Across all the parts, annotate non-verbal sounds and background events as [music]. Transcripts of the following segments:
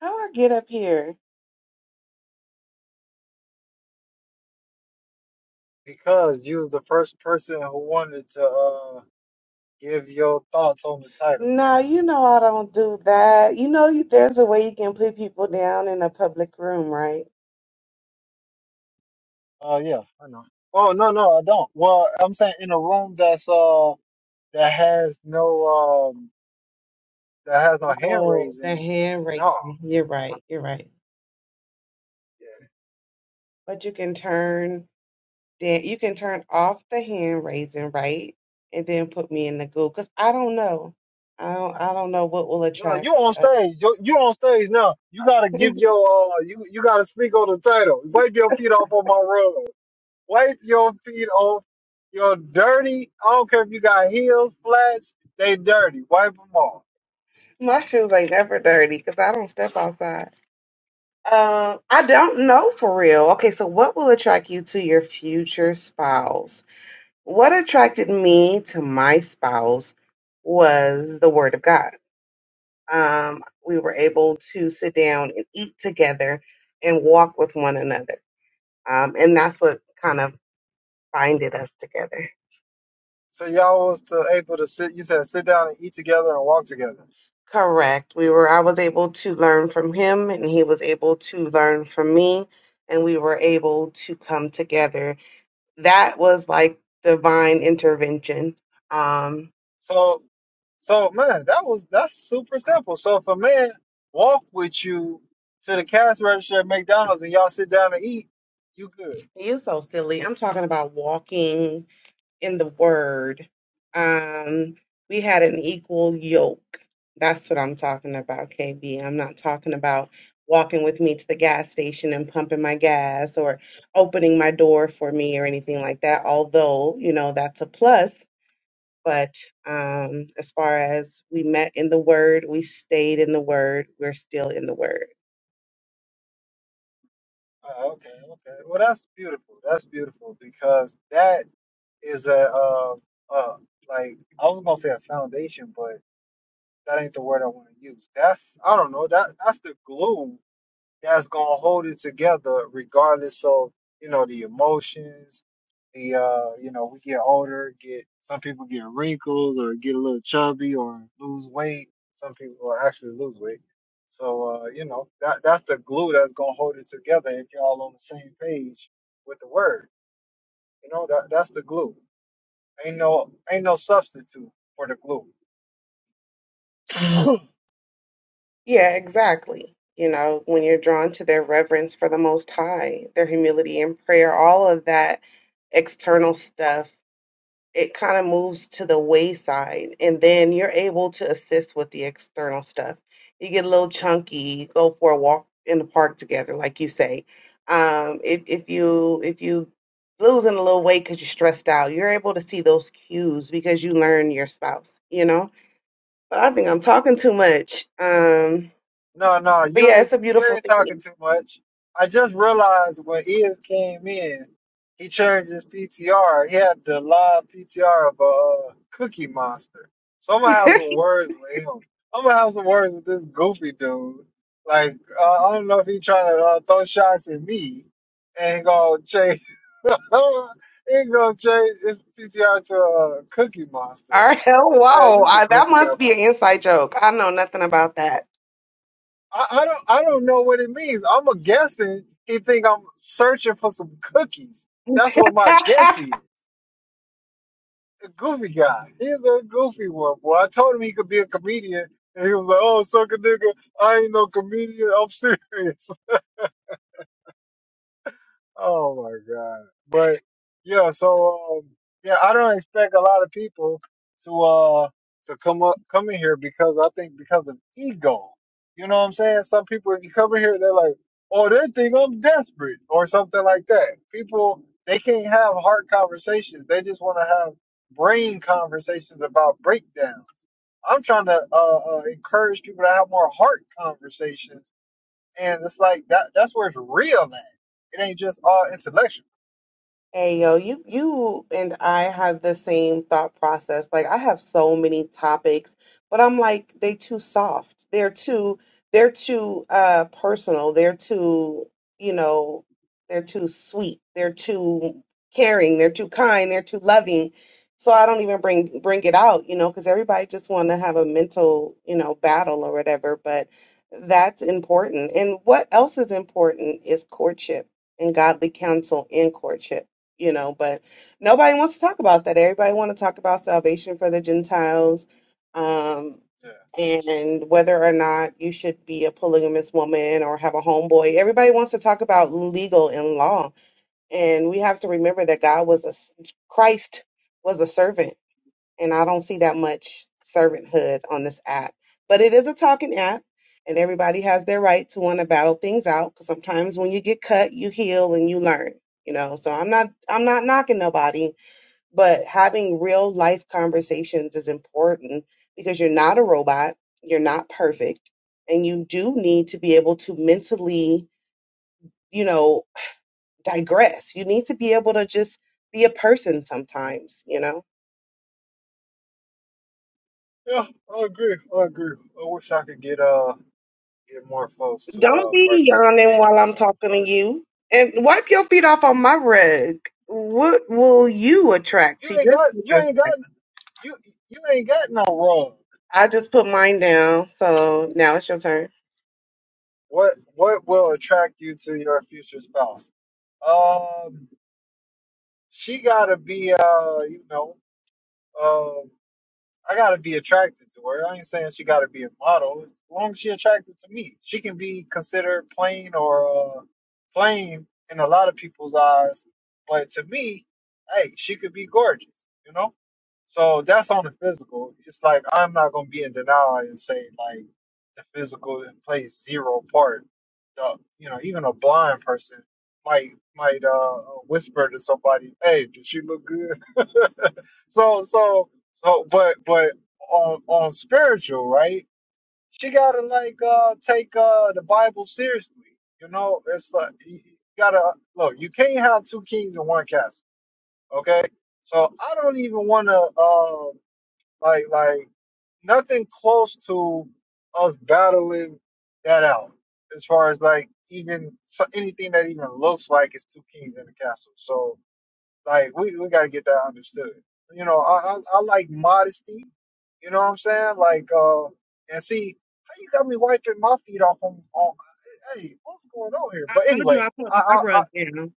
How I get up here? because you was the first person who wanted to uh, give your thoughts on the title. No, you know I don't do that. You know, you, there's a way you can put people down in a public room, right? Oh yeah, I know. Oh no, no, I don't. Well, I'm saying in a room that's uh that has no um that has no hand Oh, the raising. hand No, raising. You're right. You're right. yeah. But you can turn then you can turn off the hand raising, right? And then put me in the goo because I don't know. I don't. I don't know what will no, you attract. on Uh, stage. You you on stage now. You gotta [laughs] give your uh you you gotta speak on the title. Wipe your feet off on my rug. Wipe your feet off. You're dirty. I don't care if you got heels, flats. They dirty. Wipe them off. my shoes ain't never dirty because I don't step outside. Um, I don't know for real. Okay, so what will attract you to your future spouse? What attracted me to my spouse was the Word of God. Um, we were able to sit down and eat together and walk with one another. Um, and that's what kind of binded us together. So y'all was to able to sit. You said sit down and eat together and walk together. Correct. We were I was able to learn from him and he was able to learn from me and we were able to come together. That was like divine intervention. Um, So, so man, that was that's super simple. So if a man walk with you to the cash register at McDonald's and y'all sit down and eat, you good. you're so silly. I'm talking about walking in the word. Um, we had an equal yoke. That's what I'm talking about, KB. I'm not talking about walking with me to the gas station and pumping my gas or opening my door for me or anything like that. Although, you know, that's a plus. But um, as far as we met in the word, we stayed in the word, we're still in the word. Oh, okay, okay. Well, that's beautiful. That's beautiful because that is a uh, uh like I was gonna say a foundation, but that ain't the word I want to use. That's I don't know. That that's the glue that's gonna hold it together regardless of you know the emotions the uh you know we get older get some people get wrinkles or get a little chubby or lose weight some people will actually lose weight so uh you know that that's the glue that's gonna hold it together if you're all on the same page with the word you know that that's the glue ain't no ain't no substitute for the glue [coughs] Yeah, exactly. You know, when you're drawn to their reverence for the Most High, their humility and prayer, all of that external stuff, it kind of moves to the wayside. And then you're able to assist with the external stuff. You get a little chunky, you go for a walk in the park together, like you say. Um, if, if you if you losing a little weight because you're stressed out, you're able to see those cues because you learn your spouse, you know? But I think I'm talking too much. Um, No, no, but you yeah, it's ain't a you beautiful ain't thing. talking too much. I just realized when Ian came in, he changed his PTR. He had the live PTR of a uh, Cookie Monster. So I'm gonna have [laughs] some words with him. I'm gonna have some words with this goofy dude. Like uh, I don't know if he trying to uh, throw shots at me and gonna change. [laughs] he gonna change his PTR to a Cookie All Monster. right. Yeah, Wow. this is a I, that goofy must guy. be an inside joke. I know nothing about that. I, I don't I don't know what it means. I'm a guessing he think I'm searching for some cookies. That's what my [laughs] guess is. A goofy guy. He's a goofy one, boy. I told him he could be a comedian and he was like, Oh suck a nigga, I ain't no comedian, I'm [laughs] serious. Oh my god. But yeah, so um, yeah, I don't expect a lot of people to uh to come up come in here because I think because of ego. You know what I'm saying? Some people if you come in here they're like, Oh, they think I'm desperate or something like that. People they can't have hard conversations. They just wanna have brain conversations about breakdowns. I'm trying to uh, uh, encourage people to have more heart conversations and it's like that that's where it's real man. It ain't just all intellectual. Hey yo, you you and I have the same thought process. Like I have so many topics, but I'm like they too soft. They're too they're too uh personal. They're too, you know, they're too sweet. They're too caring. They're too kind. They're too loving. So I don't even bring bring it out, you know, because everybody just want to have a mental, you know, battle or whatever, but that's important. And what else is important is courtship and godly counsel in courtship you know, but nobody wants to talk about that. Everybody want to talk about salvation for the Gentiles, um, Yeah. and whether or not you should be a polygamous woman or have a homeboy. Everybody wants to talk about legal and law, and we have to remember that God was a Christ was a servant and I don't see that much servanthood on this app. But it is a talking app, and everybody has their right to want to battle things out. Because sometimes when you get cut, you heal and you learn. You know, so I'm not I'm not knocking nobody, but having real life conversations is important because you're not a robot, you're not perfect, and you do need to be able to mentally, you know, digress. You need to be able to just be a person sometimes, you know. Yeah, I agree. I agree. I wish I could get uh get more folks to Don't uh be yawning participate while in I'm some talking to art. you. And wipe your feet off on my rug. What will you attract You to ain't your got you future ain't self? got you you ain't got no wrong. I just put mine down, so now it's your turn. What what will attract you to your future spouse? Um she gotta be uh, you know, um. I gotta be attracted to her. I ain't saying she gotta be a model. As long as she attracted to me, she can be considered plain or uh, plain in a lot of people's eyes. But to me, hey, she could be gorgeous, you know. So that's on the physical. It's like I'm not gonna be in denial and say like the physical plays zero part. The, you know, even a blind person might might uh, whisper to somebody, "Hey, does she look good?" [laughs] so so so, but but on on spiritual, right? She gotta like uh take uh the Bible seriously. You know, it's like you you gotta look. You can't have two kings in one castle. Okay, so I don't even want to uh like like nothing close to us battling that out as far as like even so anything that even looks like it's two kings in a castle. So like we, we gotta get that understood. You know, I, I I like modesty. You know what I'm saying? Like uh and see how you got me wiping my feet off on, on hey, what's going on here? I But told you anyway, I put I, my I I rug down.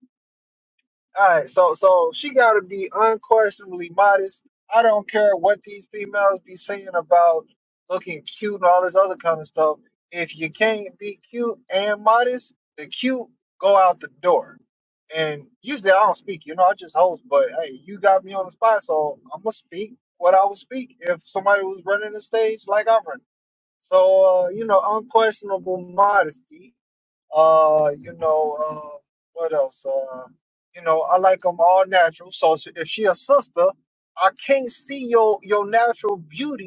all right, so so she got to be unquestionably modest. I don't care what these females be saying about looking cute and all this other kind of stuff. If you can't be cute and modest, the cute go out the door. And usually I don't speak, you know, I just host. But hey, you got me on the spot, so I'm gonna speak what I would speak if somebody was running the stage like I run. So uh, you know, unquestionable modesty uh, you know, uh, what else? Uh, you know, I like them all natural. So s- if she a sister, I can't see your your natural beauty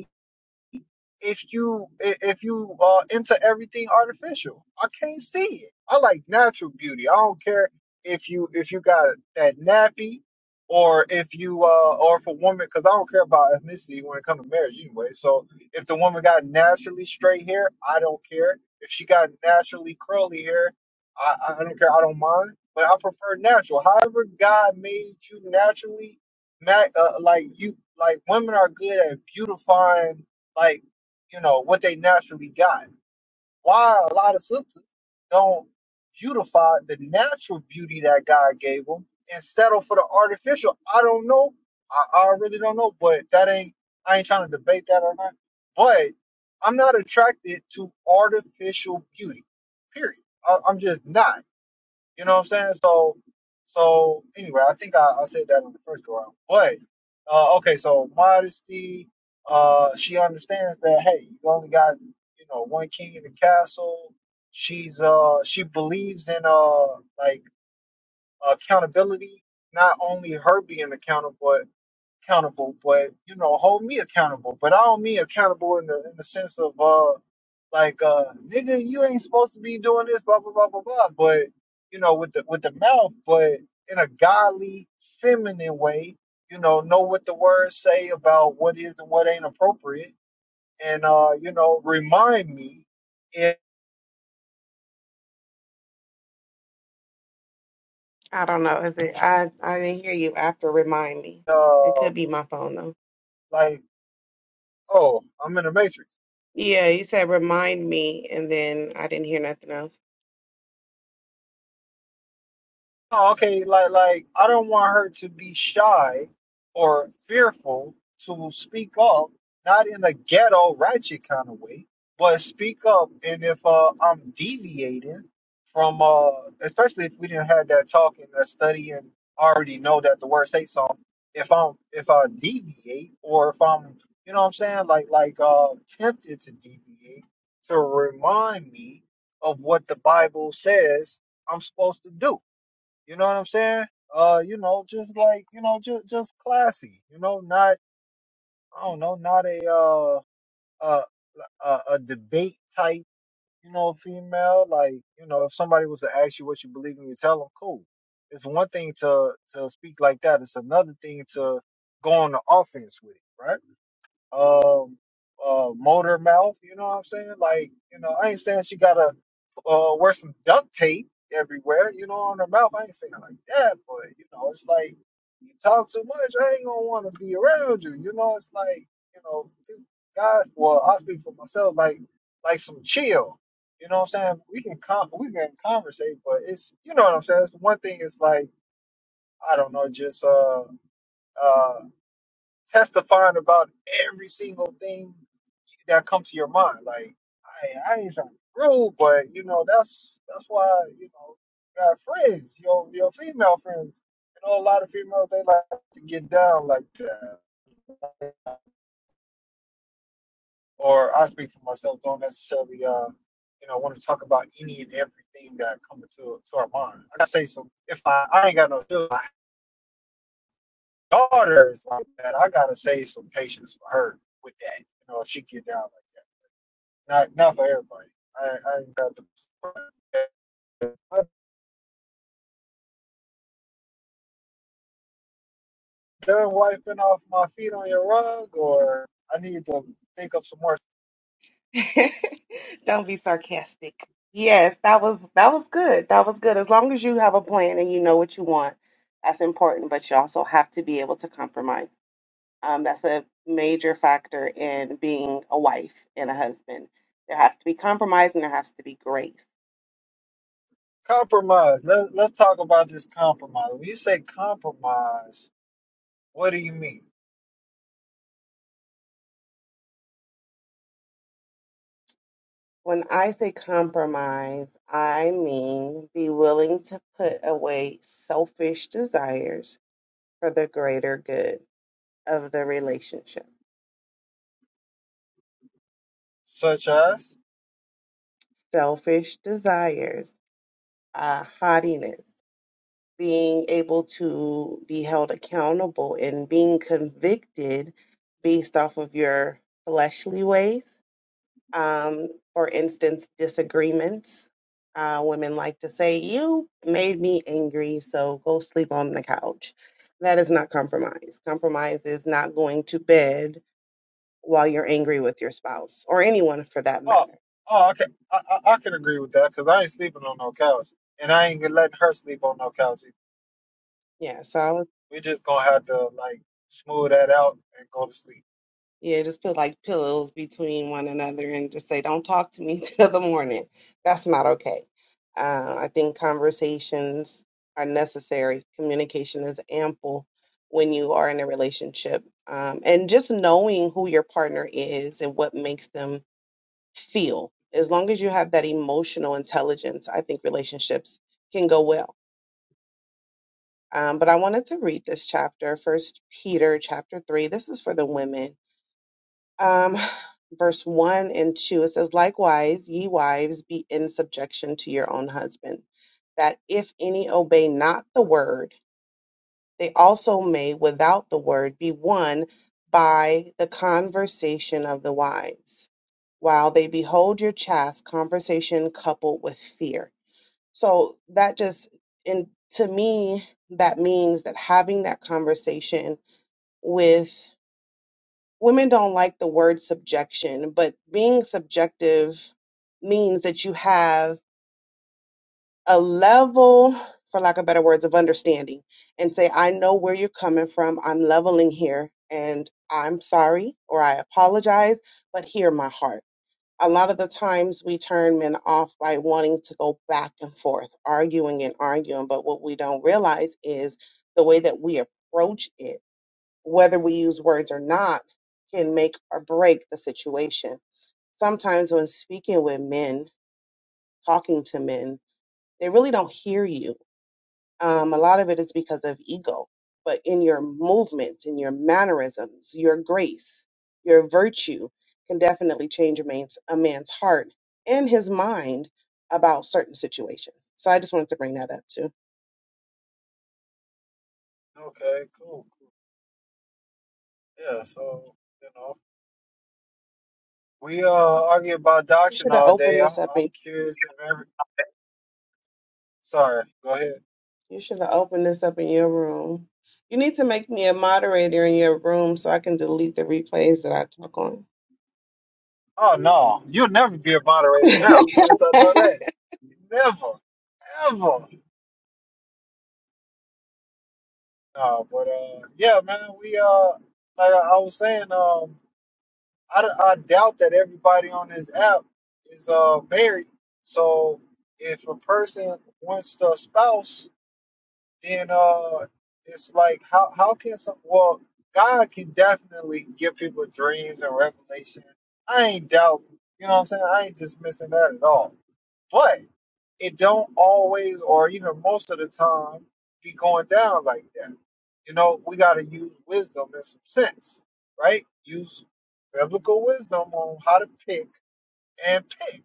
if you i- if you uh into everything artificial. I can't see it. I like natural beauty. I don't care if you if you got that nappy or if you uh or if a woman because I don't care about ethnicity when it comes to marriage anyway. So if the woman got naturally straight hair, I don't care. If she got naturally curly hair, I, I don't care. I don't mind. But I prefer natural. However, God made you naturally, ma- uh, like you like women are good at beautifying like you know, what they naturally got. Why a lot of sisters don't beautify the natural beauty that God gave them and settle for the artificial. I don't know. I, I really don't know, but that ain't, I ain't trying to debate that or not. But I'm not attracted to artificial beauty, period. I, I'm just not. You know what I'm saying? So, so anyway, I think I, I said that on the first go around. But uh, okay, so modesty. Uh, she understands that hey, you only got you know one king in the castle. She's uh she believes in uh like accountability, not only her being accountable, accountable, but you know, hold me accountable. But I don't mean accountable in the in the sense of uh like uh nigga, you ain't supposed to be doing this, blah blah blah blah blah. But you know, with the with the mouth, but in a godly, feminine way, you know, know what the words say about what is and what ain't appropriate, and uh, you know, remind me if I don't know. Is it? I I didn't hear you after. Remind me. It uh, could be my phone though. like, oh, I'm in the matrix Yeah, you said remind me, and then I didn't hear nothing else. Oh, okay, like like I don't want her to be shy or fearful to speak up, not in a ghetto ratchet kind of way, but speak up. And if uh, I'm deviating from, uh, especially if we didn't have that talk and that study, and I already know that the word say something. If I'm if I deviate or if I'm you know what I'm saying like like uh tempted to deviate to remind me of what the Bible says I'm supposed to do you know what I'm saying? Uh, you know, just like you know, just just classy. You know, not I don't know, not a uh a a, a debate type. You know, female. Like you know, if somebody was to ask you what you believe in, you tell them, cool. It's one thing to to speak like that. It's another thing to go on the offense with it, right? um uh motor mouth, you know what I'm saying? Like, you know, I ain't saying she gotta uh wear some duct tape everywhere, you know, on her mouth. I ain't saying like that, but you know, it's like you talk too much, I ain't gonna wanna be around you. You know, it's like, you know, guys well, I speak for myself, like like some chill. You know what I'm saying? We can con we can conversate, but it's you know what I'm saying. It's one thing is like, I don't know, just uh uh, testifying about every single thing that comes to your mind. Like I, I ain't trying to be rude, but you know that's that's why you know you got friends, your your female friends. You know, a lot of females they like to get down like that. Or I speak for myself, don't necessarily uh you know want to talk about any and everything that comes to to our mind. I gotta say some. If I I ain't got no feeling, my daughter is like that, I gotta say some patience for her with that. You know, if she get down. like that. Not not for everybody. I I ain't got to. I'm done wiping off my feet on your rug, or I need to think of some more [laughs] Don't be sarcastic. Yes, that was that was good. That was good. As long as you have a plan and you know what you want, that's important. But you also have to be able to compromise. Um, that's a major factor in being a wife and a husband. There has to be compromise and there has to be grace. compromise. Let Let's talk about this compromise. When you say compromise, what do you mean? When I say compromise, I mean be willing to put away selfish desires for the greater good of the relationship Such as? selfish desires uh, haughtiness, being able to be held accountable and being convicted based off of your fleshly ways. Um, for instance, disagreements. Uh, women like to say, You made me angry, so go sleep on the couch. That is not compromise. Compromise is not going to bed while you're angry with your spouse or anyone for that Oh, matter. oh, okay. I I, I can agree with that because I ain't sleeping on no couch, and I ain't letting her sleep on no couch. either. Yeah, so I We just gonna have to like smooth that out and go to sleep. Yeah, just put like pillows between one another and just say, don't talk to me [laughs] till the morning. That's not okay. Uh, I think conversations are necessary. Communication is ample when you are in a relationship. Um, and just knowing who your partner is and what makes them feel. As long as you have that emotional intelligence, I think relationships can go well. Um, but I wanted to read this chapter, First Peter chapter three. This is for the women um, verse 1 and 2, it says, Likewise, ye wives, be in subjection to your own husband, that if any obey not the word, they also may without the word be won by the conversation of the wives, while they behold your chaste conversation coupled with fear. So that just, and to me, that means that having that conversation with women don't like the word subjection, but being subjective means that you have a level, for lack of better words, of understanding and say, I know where you're coming from. I'm leveling here and I'm sorry or I apologize, but hear my heart. A lot of the times we turn men off by wanting to go back and forth, arguing and arguing. But what we don't realize is the way that we approach it whether we use words or not, can make or break the situation. Sometimes when speaking with men, talking to men, they really don't hear you. Um, a lot of it is because of ego, but in your movement, in your mannerisms, your grace, your virtue can definitely change a man's, a man's heart and his mind about certain situations. So I just wanted to bring that up too. Okay, cool, cool. Yeah, so you know. We uh argue about We doctrine should have all day. opened I'm this up I'm curious if ever. Sorry, go ahead. You should have opened this up in your room. You need to make me a moderator in your room so I can delete the replays that I talk on. Oh no, you'll never be a [laughs] moderator now. Since I know that, never, ever. No, but uh, yeah, man. We uh, like I was saying, um, I, I doubt that everybody on this app is uh married. So if a person wants a spouse, then uh it's like how how can some well God can definitely give people dreams and revelation. I ain't doubt you know what I'm saying? I ain't dismissing that at all. But it don't always or even most of the time be going down like that. You know, we gotta use wisdom and some sense, right? Use biblical wisdom on how to pick and pick.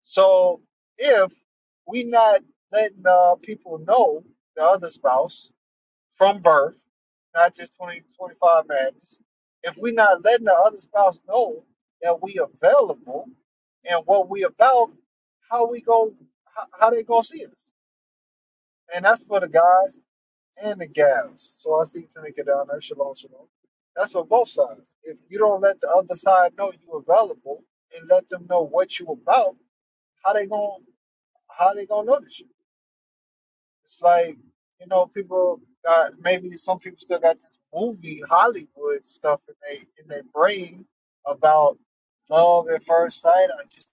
So if we not letting uh, people know the other spouse from birth, not just twenty twenty five 25 madness, if we're not letting the other spouse know that we available and what we about, how we go, how, how they gonna see us? And that's for the guys and the gals. So I see Tanika down there, shalom, shalom. That's for both sides. If you don't let the other side know you available and let them know what you about, how they gonna how they gonna notice you? It's like, you know, people got maybe some people still got this movie Hollywood stuff in they in their brain about love at first sight. I just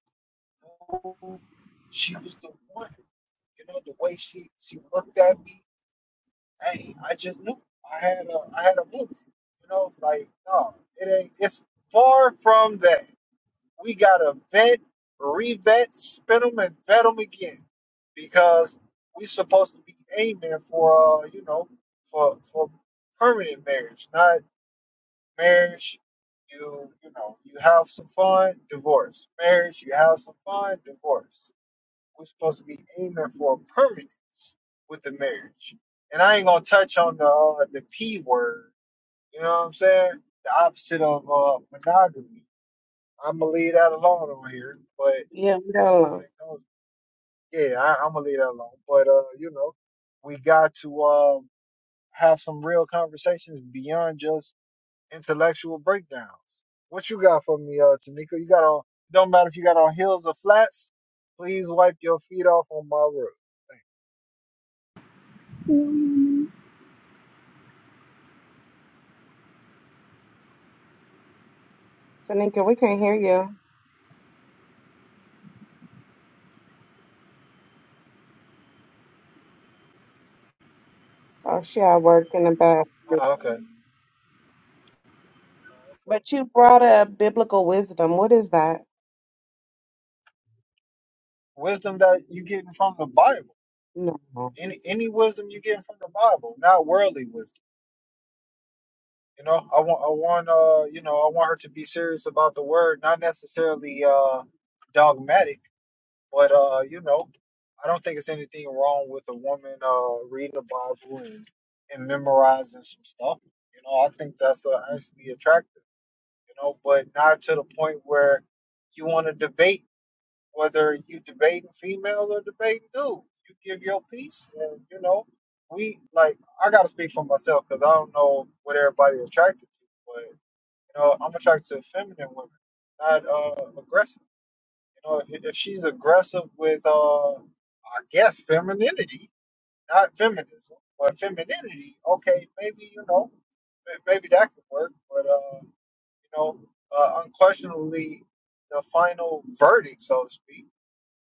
knew she was the one. You know, the way she she looked at me, hey, I just knew. I had a I had a move. You know, like no, it ain't. It's far from that we got to vet, revet, spin them, and vet them again because we supposed to be aiming for, uh, you know, for for permanent marriage, not marriage. You you know, you have some fun, divorce. Marriage, you have some fun, divorce. We're supposed to be aiming for permanence with the marriage. And I ain't gonna touch on the uh, the p word. You know what I'm saying? The opposite of uh, monogamy. I'm gonna leave that alone over here, but yeah, we got when alone. it comes. Yeah, I, I'm gonna leave that alone. But uh, you know, we got to um have some real conversations beyond just intellectual breakdowns. What you got for me, uh, Tamika? You got on? Don't matter if you got on heels or flats. Please wipe your feet off on my roof. Thank Hello, Tanika, we can't hear you. Oh, she at work in the back. you. Ah, okay. But you Okay. brought Okay. up biblical wisdom. What is that? Wisdom that you getting from the Bible. No. Any any wisdom you getting from the Bible, not worldly wisdom. You know, I want, I want, uh, you know, I want her to be serious about the word, not necessarily uh, dogmatic, but uh, you know, I don't think it's anything wrong with a woman uh reading the Bible and, and memorizing some stuff. You know, I think that's uh, actually attractive. You know, but not to the point where you want to debate whether you debating females or debating dudes. You give your piece, and you know, we like. I gotta speak for myself because I don't know what everybody attracted to, but. You know, I'm attracted to feminine women, not uh, aggressive. You know, if, if she's aggressive with, uh, I guess, femininity, not feminism, but femininity, okay, maybe, you know, may- maybe that could work. But, uh, you know, uh, unquestionably, the final verdict, so to speak,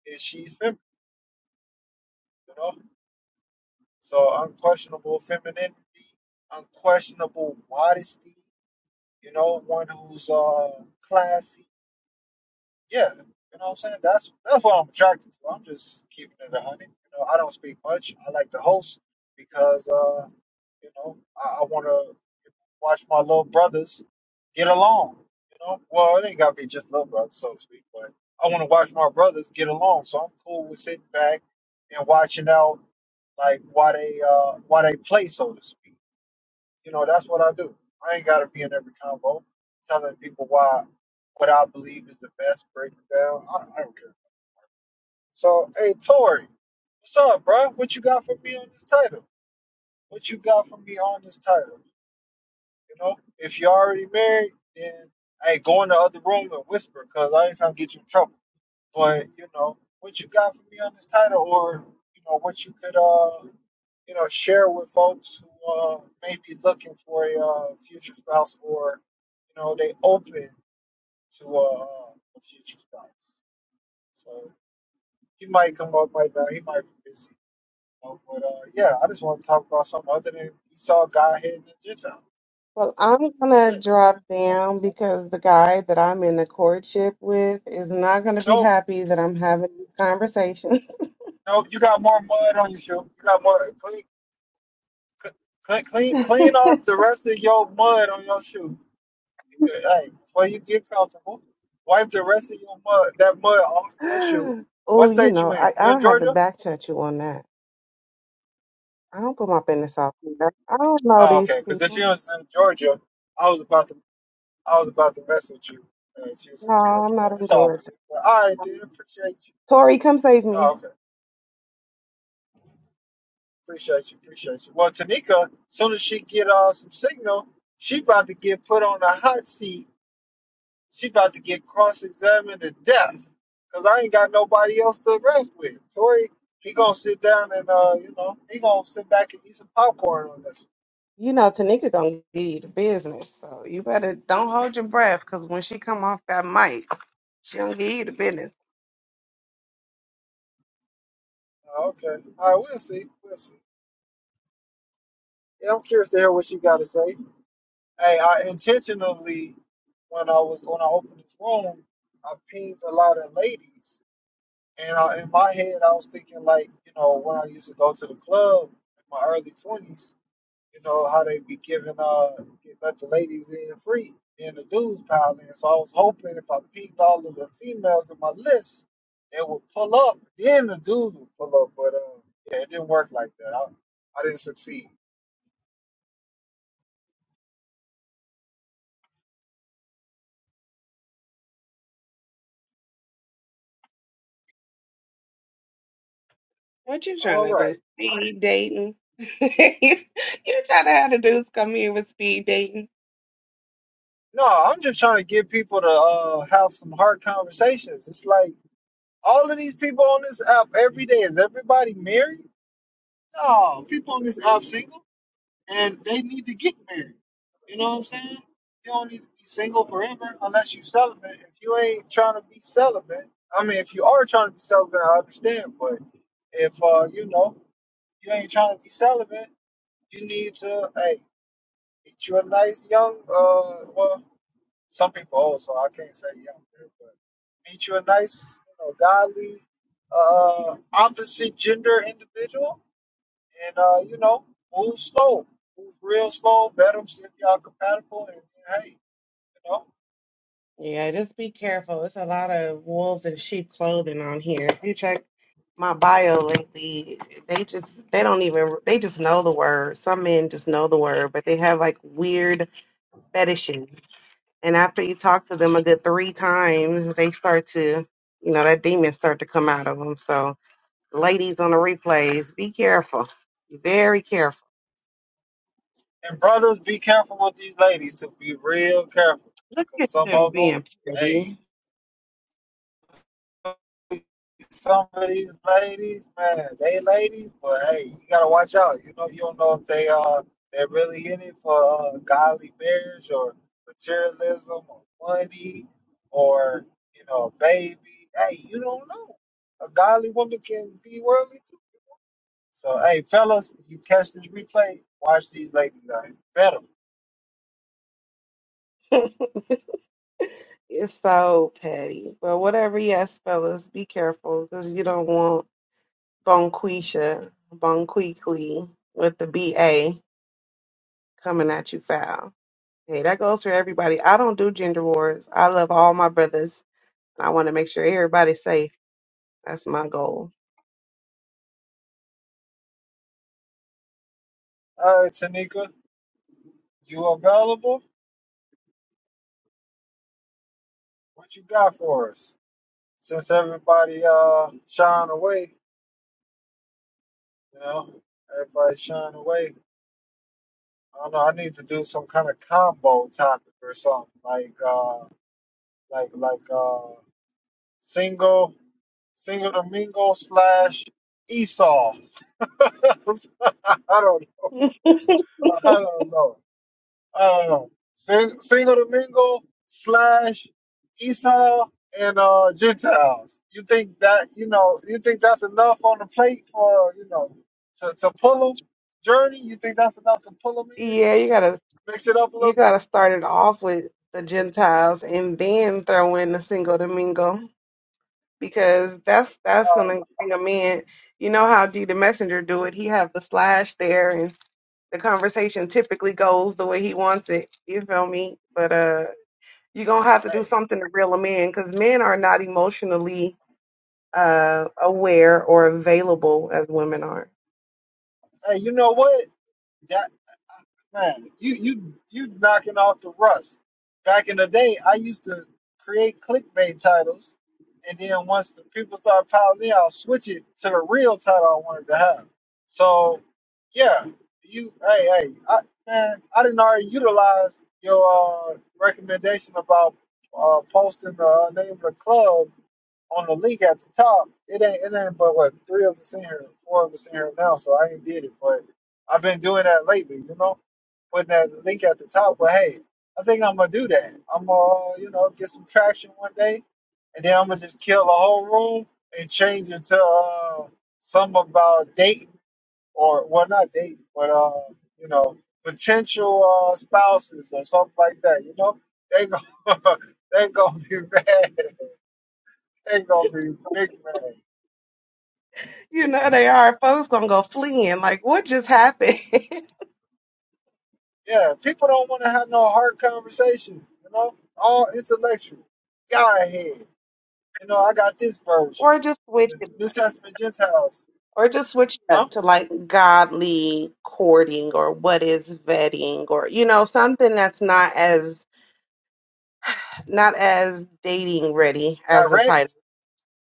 is she's feminine, you know? So unquestionable femininity, unquestionable modesty, you know, one who's uh, classy yeah, you know what I'm saying? That's that's what I'm attracted to. I'm just keeping it a hundred. You know, I don't speak much. I like to host because uh, you know, I, I wanna watch my little brothers get along. You know, well they gotta be just little brothers, so to speak, but I wanna watch my brothers get along. So I'm cool with sitting back and watching out like why they uh why they play so to speak. You know, that's what I do. I ain't got to be in every combo telling people why what I believe is the best breakdown. I, I don't care. So, hey, Tori, what's up, bro? What you got for me on this title? What you got for me on this title? You know, if you're already married, then hey, go in the other room and whisper, cause I ain't trying to get you in trouble. But you know, what you got for me on this title, or you know, what you could uh you know, share with folks who uh, may be looking for a uh, future spouse or, you know, they open to uh, a future spouse. So he might come up, might not, he might be busy. You know? But uh, yeah, I just want to talk about something other than Esau, Godhead, and the Gentile. Well, I'm That's gonna it. drop Something down because the guy that I'm in a courtship with is not gonna other- be No, happy that I'm having this conversation. no, you got more mud on your shoe. You got more. Clean, clean, clean, clean [laughs] off the rest of your mud on your shoe. Good. Hey, before you get comfortable, wipe the rest of your mud, that mud off your shoe. What Oh, you state know, you in? I, You in I'll have to Georgia? back chat you on that. I don't put my business out there. I don't know Oh, these okay. Because if people. you're in Georgia, I was about to, I was about to mess with you. Uh, if you was No, in Georgia, I'm but not in it's all Georgia. good. But all right, then. Um, Appreciate you. Tori, come save me. Oh, okay. Appreciate you. Appreciate you. Well, Tanika, soon as she get uh, some signal, she about to get put on the hot seat She about to get cross examined to death because I ain't got nobody else to rap with. Tori, he gonna sit down and uh, you know, he gonna sit back and eat some popcorn on this. You know, Tanika gonna give you the business, so you better don't hold your breath, cause when she come off that mic, she gonna give you the business. Uh, okay, all right, we'll see, we'll see. Yeah, I'm curious to hear what you got to say. Hey, I intentionally when I was when I opened this room, I pinged a lot of ladies, and I, in my head I was thinking like, you know, when I used to go to the club in my early twenties you know, how they be giving uh get let the ladies in free and the dudes pile in. So I was hoping if I peeped all of the females in my list, they would pull up. Then the dudes would pull up, but uh, yeah, it didn't work like that. I, I didn't succeed. What you trying All to do? right. Speed dating? [laughs] you trying to have the dudes come here with speed dating? No, I'm just trying to get people to uh have some hard conversations. It's like all of these people on this app every day. Is everybody married? No, people on this app single. and they need to get married. You know what I'm saying? You don't need to be single forever unless you celibate. If you ain't trying to be celibate, I mean, if you are trying to be celibate, I understand. But if uh, you know you ain't trying to be celibate, you need to hey get you a nice young uh well some people also I can't say young but meet you a nice you know godly uh opposite gender individual and uh, you know, move slow, move real slow. Bet them see if y'all compatible, and hey, you know. Yeah, just be careful. It's a lot of wolves in sheep clothing on here. If you check my bio lately, they just they don't even they just know the word. Some men just know the word, but they have like weird fetishes. And after you talk to them a good three times, they start to, you know, that demon start to come out of them. So, ladies on the replays, be careful. Very careful. And brothers, be careful with these ladies. To be real careful, Look cause at some them of them, being hey, pretty. some of these ladies, man, they ladies, but hey, you gotta watch out. You know, you don't know if they uh they're really in it for uh, godly marriage or materialism or money or you know, baby. Hey, you don't know. A godly woman can be worldly too. So hey, fellas, you catch this replay, watch these ladies. Out. Bet 'em. [laughs] It's so petty. But whatever, yes, fellas, be careful because you don't want Bonquisha, Bonquiqui with the BA coming at you foul. Hey, that goes for everybody. I don't do gender wars. I love all my brothers. And I want to make sure everybody's safe. That's my goal. Uh, Tanika, you available? What you got for us? Since everybody uh shying away, You know, everybody's shying away. I don't know. I need to do some kind of combo topic or something like, uh, like, like, uh, single, single domingo slash Esau. [laughs] I don't [laughs] know. I don't know. Um, Sing- Single Domingo slash Esau and uh, Gentiles. You think that you know? You think that's enough on the plate for you know to to pull them journey? You think that's enough to pull them in, yeah, you gotta mix it up a you little bit? gotta start it off with the Gentiles and then throw in the single domingo. because that's that's Uh, gonna bring them in. You know how D the messenger do it. He have the slash there, and the conversation typically goes the way he wants it. You feel me? But uh, you gonna have to do hey, something to reel them in because men are not emotionally uh aware or available as women are. hey, you know what? Man, you you you knocking off the rust. Back in the day, I used to create clickbait titles, and then once the people start piling in, I'll switch it to the real title I wanted to have. So, yeah, you hey hey, I, man, I didn't already utilize your uh, recommendation about uh, posting the name of the club on the league at the top, it ain't it ain't but what three of us in here, four of us in here now, so I ain't did it. But I've been doing that lately, you know, putting that link at the top. But hey, I think I'm gonna do that. I'm gonna you know get some traction one day, and then I'm gonna just kill the whole room and change it to uh, some about dating or well not dating, but uh you know potential uh, spouses or something like that. You know, they go [laughs] they gonna be [laughs] mad. They gonna be big mad. You know they are. Folks gonna go fleeing like what just happened, Yeah, people don't want to have no hard conversations. You know, all intellectual. God head. You know, I got this [laughs] version. or just switch. The New Testament Gentiles. Or just switch it Huh? up to like godly courting or what is vetting or you know, something that's not as not as dating ready as the title. Direct?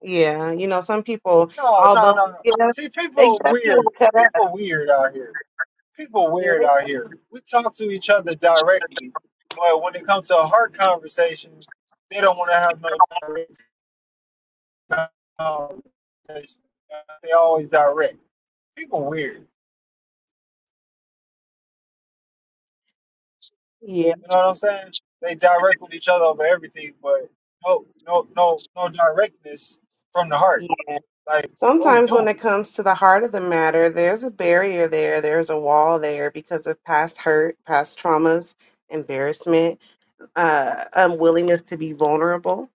Yeah. You know, some people No, no, although no, no. they get up See, they people get up here and weird. cut up. People weird out here. People Yeah. weird they- out here. We talk to each other directly, but when it comes to hard conversations, they don't want to have no direct conversation. They always direct. People weird. yeah. You know what I'm saying? They direct with each other over everything, but no, no, no, no directness from the yeah. heart. Like, what we Sometimes when it doing? comes to the heart of the matter, there's a barrier there, there's a wall there because of past hurt, past traumas, embarrassment, uh unwillingness to be vulnerable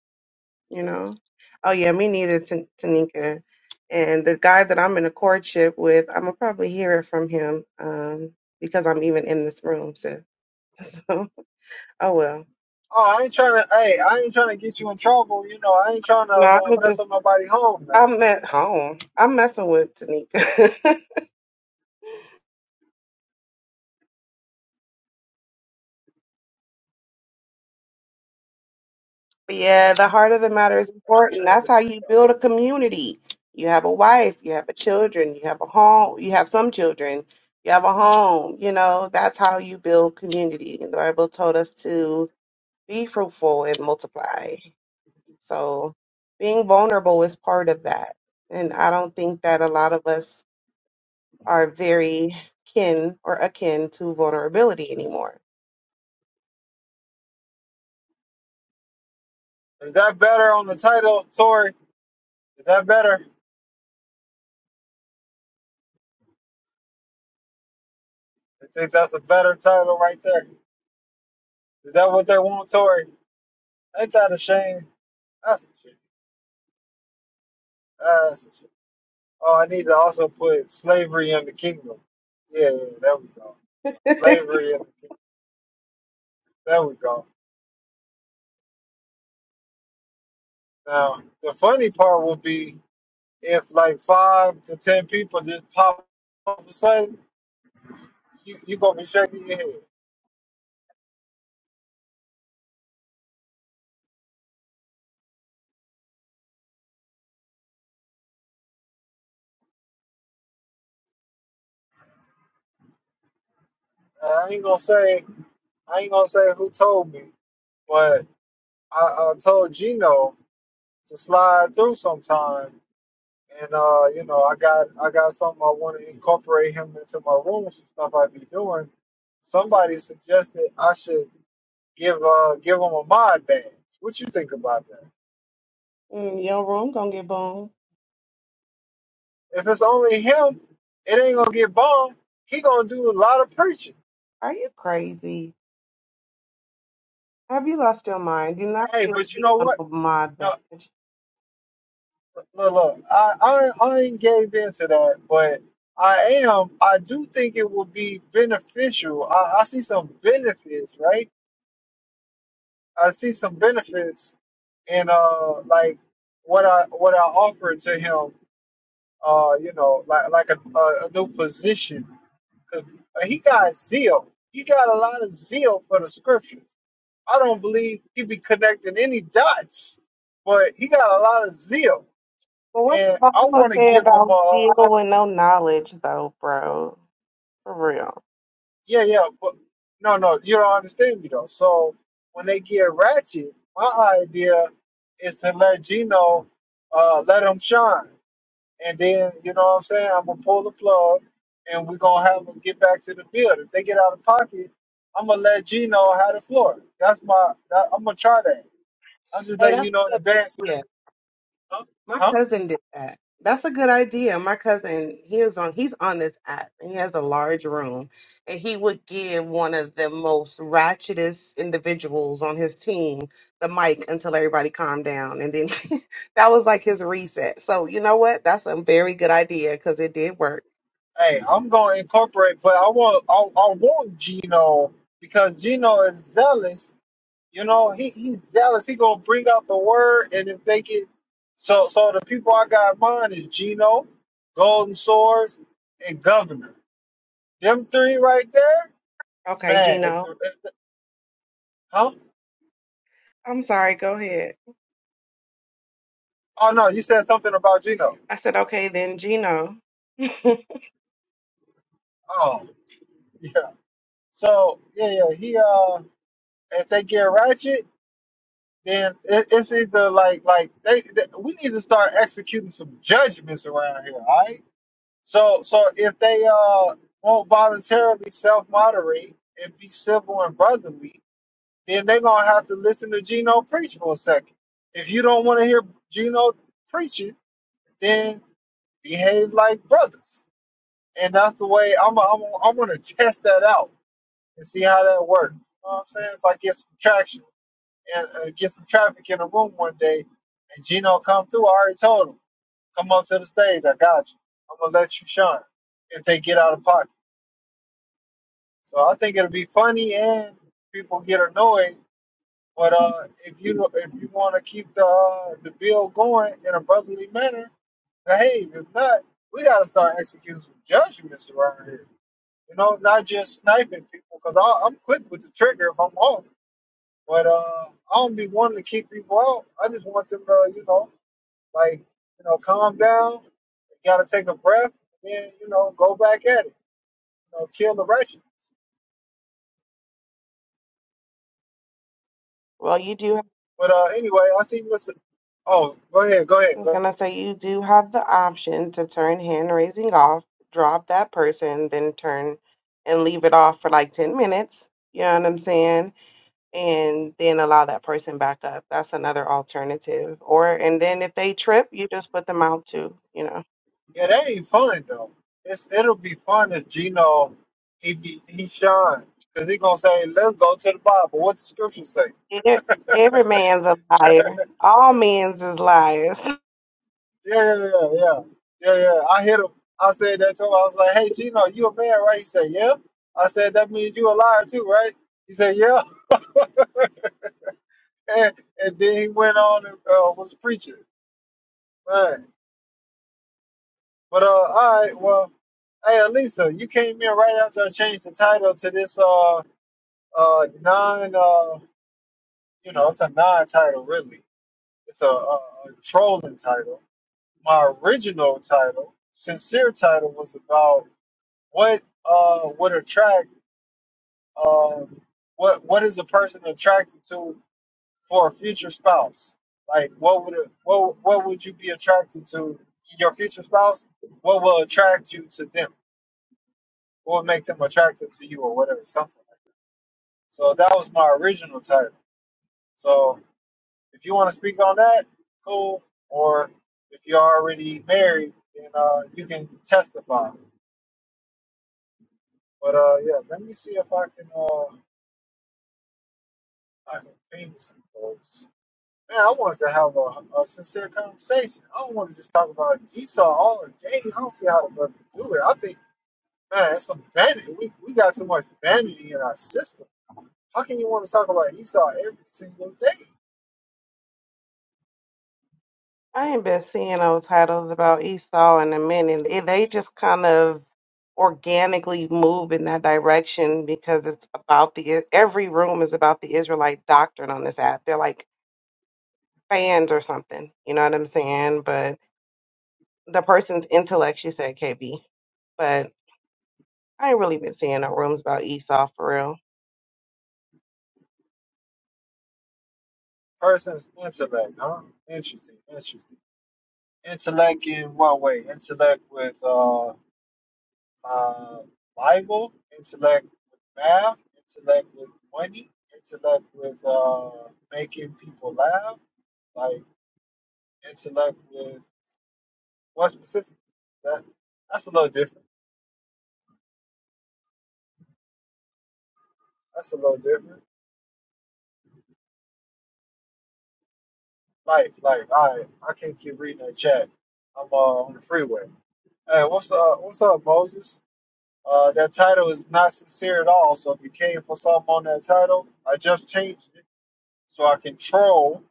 you know. Oh yeah, me neither, T- Tanika. And the guy that I'm in a courtship with, I'm gonna probably hear it from him um, because I'm even in this room. So, [laughs] so oh well. Oh, I ain't trying to. Hey, I ain't trying to get you in trouble. You know, I ain't trying to No, I'm uh, mess just up nobody home. Now, I'm at home. I'm messing with Tanika. [laughs] but yeah, the heart of the matter is And I'm important. trying That's to. how you build a community. You have a wife, you have a children, you have a home, you have some children, you have a home. You know that's how you build community. And the Bible told us to be fruitful and multiply. So being vulnerable is part of that. And I don't think that a lot of us are very kin or akin to vulnerability anymore. [laughs] Is that better on the title, Tory? Is that better? I think that's a better title right there. Is that what they want, Tory? Ain't that a shame? That's a shame. That's a shame. Oh, I need to also put slavery in the kingdom. Yeah, yeah, there we go. Slavery in the kingdom. There we go. Now, the funny part will be if like five to ten people just pop up and say, you you gonna be shaking your head. I ain't gonna say I ain't gonna say who told me, but I, I told Gino to slide through sometime And uh, you know, I got I got something I want to incorporate him into my room, some stuff I be doing. Somebody suggested I should give uh give him a mod badge. What you think about that? Mm, Your room gonna get boom. If it's only him, it ain't gonna get bombed. He gonna do a lot of preaching. Are you crazy? Have you lost your mind? Do not Hey, feel but you know victim what? of my bad. No, But look, look, I I, I ain't gave into that, but I am. I do think it will be beneficial. I, I see some benefits, right? I see some benefits in uh like what I what I offered to him. Uh, you know, like like a, a, a new position. 'Cause He got zeal. He got a lot of zeal for the scriptures. I don't believe he be connecting any dots, but he got a lot of zeal, what the and I Bible want to say give him about deal an with no knowledge though, bro? For real. Yeah, yeah, but no, no, you don't understand me though. So when they get ratchet, my idea is to let Gino uh, let him shine, and then you know what I'm saying. I'm gonna pull the plug, and we're gonna have them get back to the field. If they get out of pocket, I'm gonna let Gino have the floor. That's my. That, I'm gonna try that. I'm just Hey, letting you know in advance. If that's you, huh? My Huh? cousin did that. That's a good idea. My cousin, he was on he's on this app and he has a large room and he would give one of the most ratchetest individuals on his team the mic until everybody calmed down and then [laughs] that was like his reset. So, you know what? That's a very good idea cuz it did work. Hey, I'm gonna incorporate, but I want I, I want Gino because Gino is zealous You know, he, he's zealous. He gonna bring out the word, and if they get so, so the people I got in mind is Gino, Golden Swords, and Governor. Them three right there, Okay, man. It's, Gino. it's, huh? I'm sorry, go ahead. Oh no, you said something about Gino. I said, "Okay, then Gino." [laughs] Oh [laughs] yeah. So yeah, yeah. He uh, if they get ratchet, then it, it's either like like they, they we need to start executing some judgments around here. All right So, so if they uh won't voluntarily self-moderate and be civil and brotherly, then they're gonna have to listen to Gino preach for a second. If you don't want to hear Gino preaching, then behave like brothers. And that's the way I'm. I'm. I'm gonna test that out and see how that works. You know what I'm saying? If I get some traction and uh, get some traffic in the room one day, and Gino come through, I already told him, come up to the stage. I got you. I'm gonna let you shine if they get out of pocket. So I think it'll be funny and people get annoyed. But uh, if you if you want to keep the uh, the bill going in a brotherly manner, behave. If not, we got to start executing some judgments around here. You know, not just sniping people because I'm quick with the trigger if I'm off. But uh, I don't be wanting to keep people out. I just want them to, you know, like you know, calm down. You got to take a breath and then you know go back at it. You know, kill the righteous. well, you do But uh, anyway, I see Mr. Oh, go ahead, go I ahead. was Go gonna say you do have the option to turn hand raising off, drop that person, then turn and leave it off for like 10 minutes. You know what I'm saying? And then allow that person back up. That's another alternative. Or, ahead. and then if they trip, you just put them out too, you know. Yeah, that ain't fun though. It's it'll be fun if Gino he be he shine because he gonna say, "Let's go to the Bible." What the scripture say? E- Every man's a liar. All men's is liars. [laughs] Yeah, yeah, yeah, yeah, yeah, yeah. I hit him. I said that to him. I was like, "Hey, Gino, you a man, right?" He said, "Yeah." I said, "That means you a liar too, right?" He said, "Yeah." [laughs] And, and then he went on and uh, was a preacher. Man. But uh, all right, well, hey Alisa, you came in right after I changed the title to this uh uh non uh you know it's a non title really. It's a, a, a trolling title. My original title, sincere title, was about what uh would attract um what what is a person attracted to for a future spouse? Like what would it, what what would you be attracted to your future spouse? What will attract you to them? or make them attractive to you or whatever, something like that. So that was my original title. So if you want to speak on that, cool. Or if you're already married, then uh, you can testify. But uh, yeah, let me see if I can uh, I can ping some folks. Man, I wanted to have a, a sincere conversation. I don't want to just talk about Esau all day. I don't see how to fucking do it. I think, man, it's some vanity. We, we got too much vanity in our system. How can you want to talk about Esau every single day? I ain't been seeing those titles about Esau in a minute. It- They just kind of organically move in that direction because it's about the every room is about the Israelite doctrine on this app. They're like fans or something. You know what I'm saying? But the person's intellect, she said, KB. But I ain't really been seeing no rooms about Esau for real. person's intellect, huh? Interesting, interesting. Intellect in what way? Intellect with uh, uh, Bible, intellect with math, intellect with money, intellect with uh, making people laugh, like intellect with what specific? That that's a little different. That's a little different. Life, life. I I can't keep reading that chat. I'm uh, on the freeway. Hey, what's up? What's up, Moses? Uh, that title is not sincere at all. So if you came for something on that title, I just changed it so I can troll.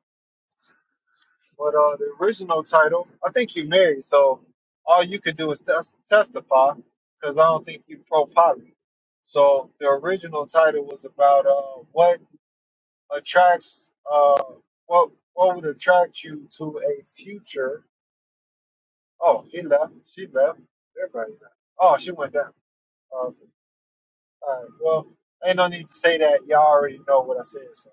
But uh, the original title, I think you married, so all you could do is tes- testify because I don't think you pro poly. So the original title was about uh, what attracts uh, what what would attract you to a future. Oh, he left. She left. Everybody left. Oh, she went down. Okay. All right. Well, ain't no need to say that. Y'all already know what I said. So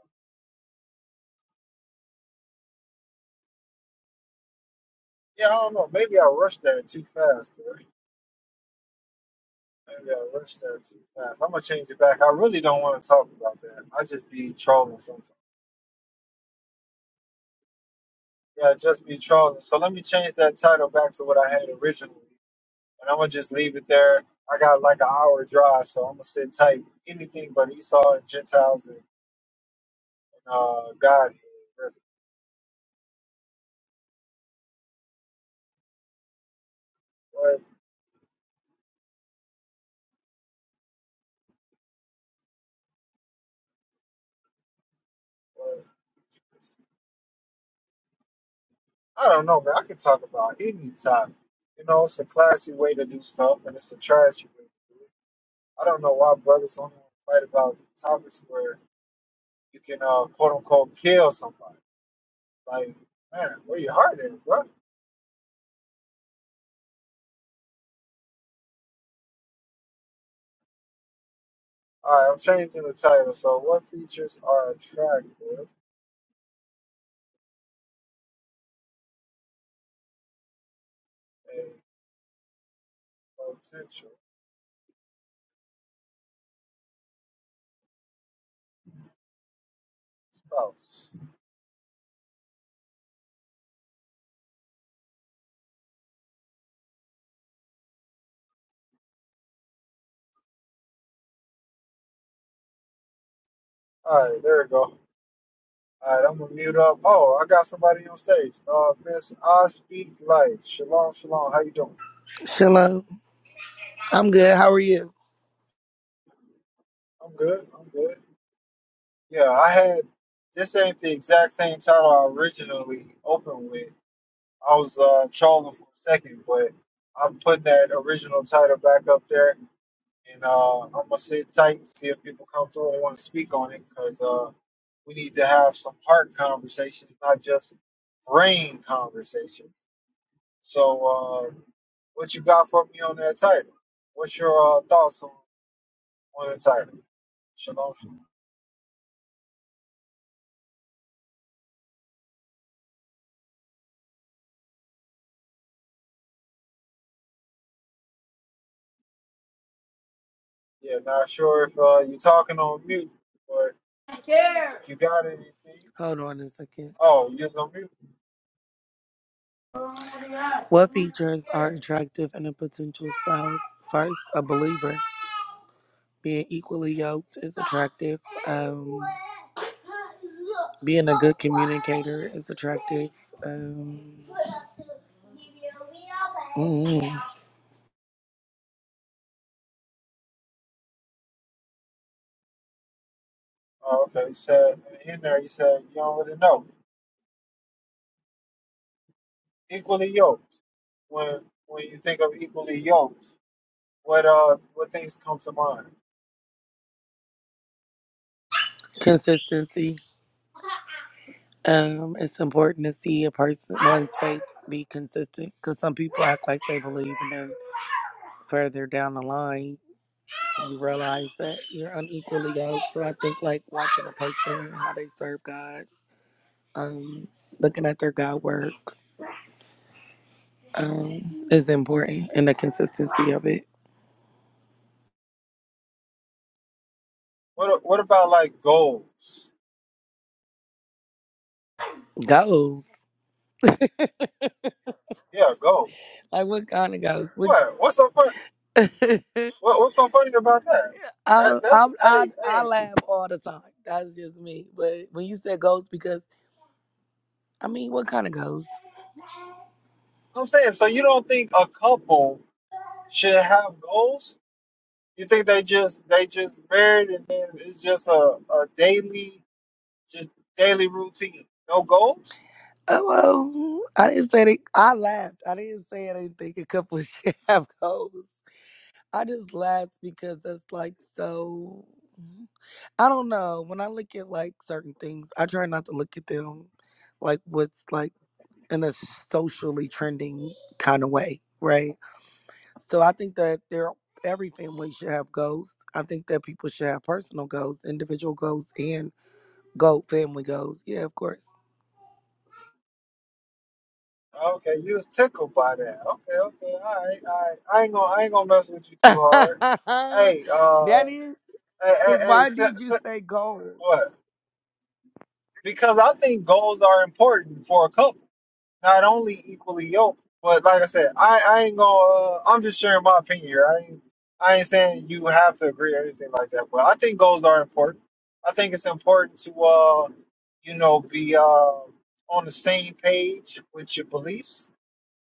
yeah, I don't know. Maybe I rushed that too fast. Right? Maybe I rushed that too fast. I'm gonna change it back. I really don't want to talk about that. I just be trolling sometimes. Yeah, just be trolling. So let me change that title back to what I had originally, and I'm gonna just leave it there. I got like an hour drive, so I'm gonna sit tight. Anything but Esau and Gentiles and uh, God. What? What? I don't know, man. I can talk about any topic. You know, it's a classy way to do stuff, and it's a trashy way to do it. I don't know why brothers only fight about topics where you can, uh, quote unquote, kill somebody. Like, man, where your heart at, bro? All right, I'm changing the title. So, what features are attractive in a potential spouse? All right, there we go. All right, I'm gonna mute up. Oh, I got somebody on stage. Uh, Miss I Speak Light. Shalom, shalom. How you doing? Shalom. I'm good. How are you? I'm good. I'm good. Yeah, I had this ain't the exact same title I originally opened with. I was uh, trolling for a second, but I'm putting that original title back up there, and uh, I'm gonna sit tight and see if people come through and want to speak on it, because uh, we need to have some heart conversations, not just brain conversations. So, uh, what you got for me on that title? What's your uh, thoughts on, on the title? Shalom. Yeah, not sure if uh, you're talking on mute or Take care. if you got anything. Hold on a second. Oh, you are on mute. What features are attractive in a potential spouse? First, a believer. Being equally yoked is attractive. Um, being a good communicator is attractive. Um, mm, Oh, okay. He said in there. He said you don't really know. Equally yoked. When when you think of equally yoked, what uh what things come to mind? consistency. Um, it's important to see a person one's faith be consistent because some people act like they believe in them. further down the line you realize that you're unequally yoked. So I think like watching a person how they serve God, um, looking at their God work, um, is important and the consistency of it. What what about like goals? Goes. [laughs] Yeah, goals. Like what kind of goes? Which What what's so fun? [laughs] I, What what's so funny about that? that that's I I hey I hey. laugh all the time. That's just me. But when you said ghosts, because I mean, what kind of ghosts? I'm saying so you don't think a couple should have goals? You think they just they just married and then it's just a, a daily just daily routine. No goals? Oh, well, I didn't say they, I laughed. I didn't say anything. A couple [laughs] should have goals. I just laughed because that's like so. mm-hmm. I don't know. When I look at like certain things, I try not to look at them like what's like in a socially trending kind of way, right? So I think that there every family should have goals. I think that people should have personal goals, individual goals, and goal family goals. Yeah, of course. Okay, you was tickled by that. Okay, okay, all right, all right. I ain't gonna I ain't gonna mess with you [laughs] too hard. that Hey, uh, is hey, because hey, hey, why t- did you t- say goals? what? Because I think goals are important for a couple. not only equally yoked, but like I said, I, I ain't gonna. Uh, I'm just sharing my opinion here. I ain't, I ain't saying you have to agree or anything like that. But I think goals are important. I think it's important to, uh, you know, be uh, on the same page with your beliefs.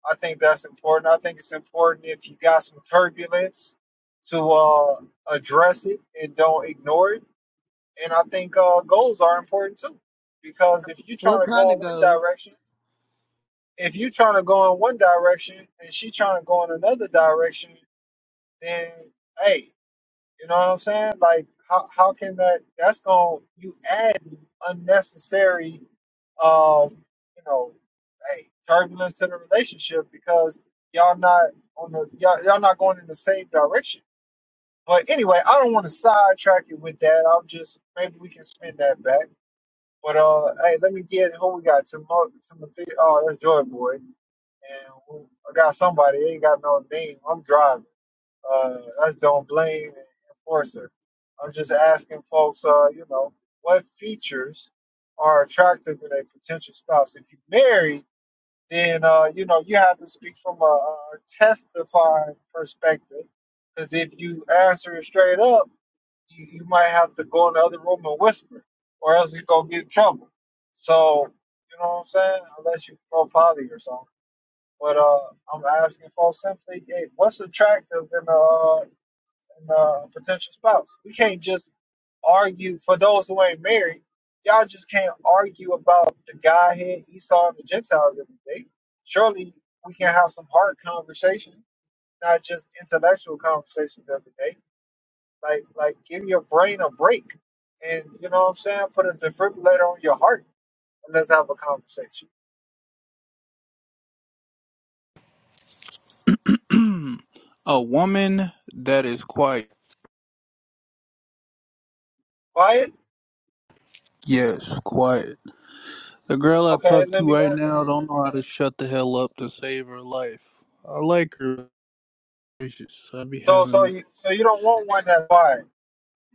I think that's important. I think it's important if you got some turbulence to uh, address it and don't ignore it. And I think uh, goals are important too, because if you're What trying to kind go in of one goals? direction if you trying to go in one direction and she trying to go in another direction, then hey, you know what I'm saying? Like how how can that that's going to you add unnecessary um you know hey turbulence to the relationship because y'all not on the y'all, y'all not going in the same direction. But anyway, I don't want to sidetrack it with that. I'll just maybe we can spin that back. But uh, hey, let me guess who we got? Timo- Timothy? Oh, that's Joy Boy. And who- I got somebody. They ain't got no name. I'm driving. Uh, that's Don't Blame and Enforcer. I'm just asking folks, uh, you know, what features are attractive in a potential spouse? If you married then uh, you know you have to speak from a, a testifying perspective. Because if you answer it straight up, you, you might have to go in the other room and whisper, or else you go get in trouble. So you know what I'm saying? Unless you throw potty or something. But uh, I'm asking folks simply, hey, what's attractive in the uh, and uh, potential spouse. We can't just argue for those who ain't married. Y'all just can't argue about the guy Esau, and the Gentiles every day. Surely we can have some hard conversations, not just intellectual conversations every day. Like, like give your brain a break, and you know what I'm saying. Put a defibrillator on your heart, and let's have a conversation. [clears throat] a woman that is quiet. Quiet, Yes, quiet. The girl I okay? talk Let to me. uh, right now don't know how to shut the hell up to save her life. I like her. It's just- I be So, having. so A... you, so you don't want one that's quiet.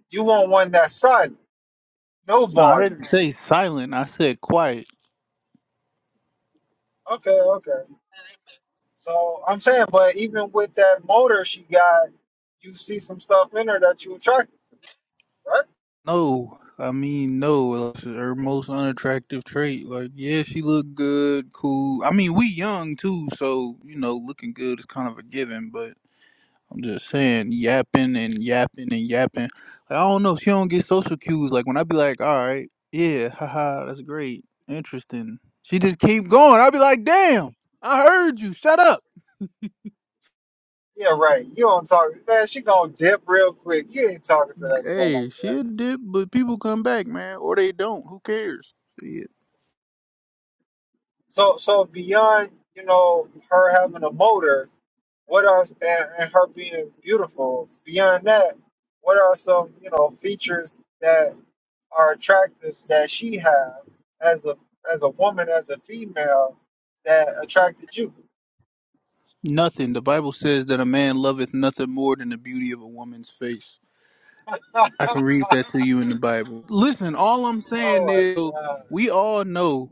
You want one that's silent, no No, I didn't volume. say silent. I said quiet. Okay, okay. So I'm saying, but even with that motor she got, you see some stuff in her that you attracted to, right? No, I mean no. That's her most unattractive trait. Like, yeah, she look good, cool. I mean, we young too, so you know, looking good is kind of a given. But I'm just saying, yapping and yapping and yapping. Like, I don't know. She don't get social cues. Like when I be like, all right, yeah, haha, that's great, interesting. She just keep going. I be like, damn, I heard you. Shut up. Yeah, right. You don't talk man, she gonna dip real quick. You ain't talking to that girl like Hey, she that. a dip, but people come back, man, or they don't. Who cares? Shit. So so beyond, you know, her having a motor, what are and, and her being beautiful, beyond that, what are some, you know, features that are attractive that she has as a as a woman, as a female that attracted you? Nothing. The Bible says that a man loveth nothing more than the beauty of a woman's face. [laughs] oh I can read that to you in the Bible. Listen, all I'm saying is my god. we all know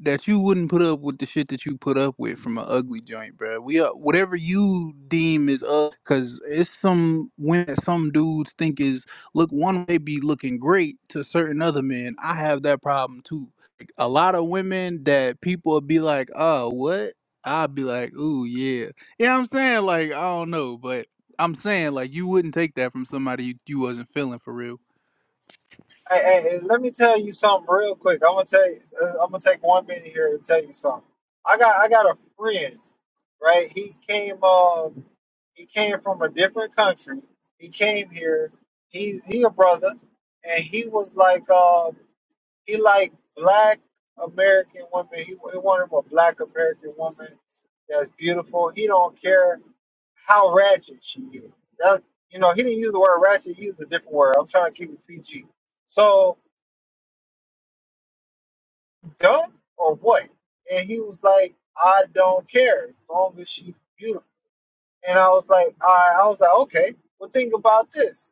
that you wouldn't put up with the shit that you put up with from an ugly joint, bruh. We are whatever you deem is up, cause it's some when some dudes think is look one may be looking great to certain other men. I have that problem too. Like, a lot of women that people would be like, "Oh, what?" I'd be like, "Ooh, yeah, yeah." I'm saying like I don't know, but I'm saying like you wouldn't take that from somebody you, you wasn't feeling for real. Hey, hey, hey, let me tell you something real quick. I'm gonna tell you, uh, I'm gonna take one minute here and tell you something. I got I got a friend, right? He came um he came from a different country. He came here. He he a brother, and he was like um he like black American women. He, he wanted a black American woman that's beautiful. He don't care how ratchet she is. That, you know, he didn't use the word ratchet. He used a different word. I'm trying to keep it PG. So dumb or what? And he was like, I don't care as long as she's beautiful. And I was like, I, I was like, okay, well think about this.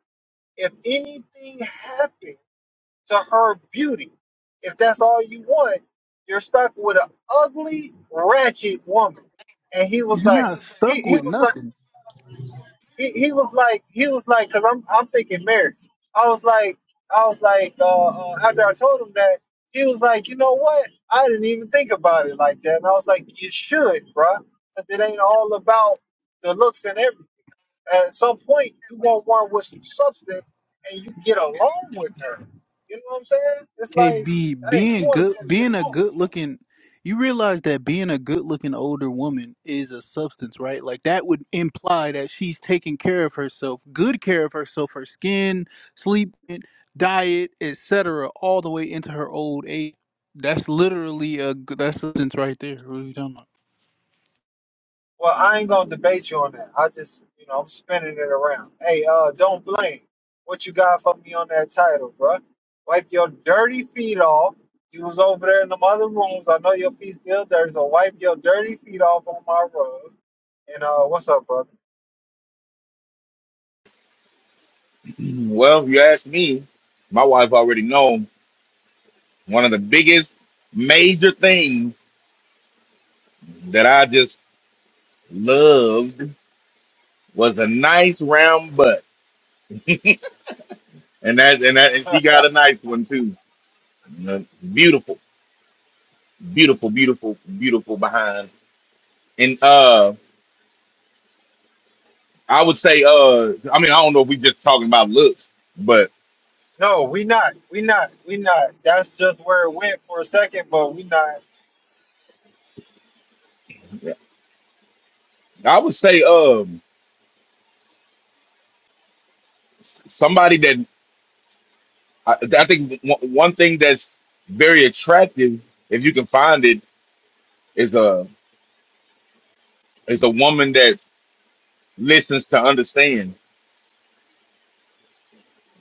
If anything happened to her beauty, if that's all you want, you're stuck with an ugly, ratchet woman. And he was You're like, not he, stuck he with was like nothing. he, he was like he was like because I'm I'm thinking marriage. I was like I was like uh, uh, after I told him that he was like you know what I didn't even think about it like that and I was like you should bruh because it ain't all about the looks and everything. At some point you want one with some substance and you get along with her. You know what I'm saying? It's like KB, hey you being want good, to get being a along. good looking, you realize that being a good looking older woman is a substance, right? Like that would imply that she's taking care of herself, good care of herself, her skin, sleep, diet, etc., all the way into her old age. That's literally a g- that's substance right there. What are you talking about? Well, I ain't gonna debate you on that. I just, you know, I'm spinning it around. Hey, uh, don't blame. What you got for me on that title, bruh? Wipe your dirty feet off. You was over there in the other rooms. I know your feet still dirty, so wipe your dirty feet off on my rug. And uh, what's up, brother? Well, if you ask me, my wife already know one of the biggest major things that I just loved was a nice round butt. And that and that and she [laughs] got a nice one too. Uh, Beautiful, beautiful, beautiful, beautiful behind. And uh I would say uh I mean I don't know if we just talking about looks, but no, we not. We not. We not. That's just where it went for a second, but we not. I would say um s- somebody that I, I think one one thing that's very attractive if you can find it is a is a woman that listens to understand.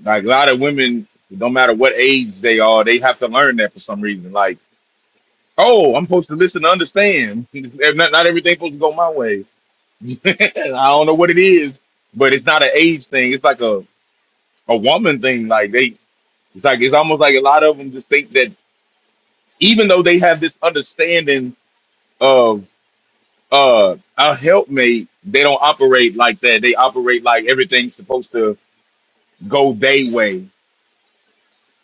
Like a lot of women, no matter what age they are, they have to learn that for some reason. Like, oh, I'm supposed to listen to understand. [laughs] not not everything's supposed to go my way. [laughs] I don't know what it is, but it's not an age thing. It's like a a woman thing. Like they, it's like it's almost like a lot of them just think that even though they have this understanding of uh a helpmate, they don't operate like that. They operate like everything's supposed to go they way.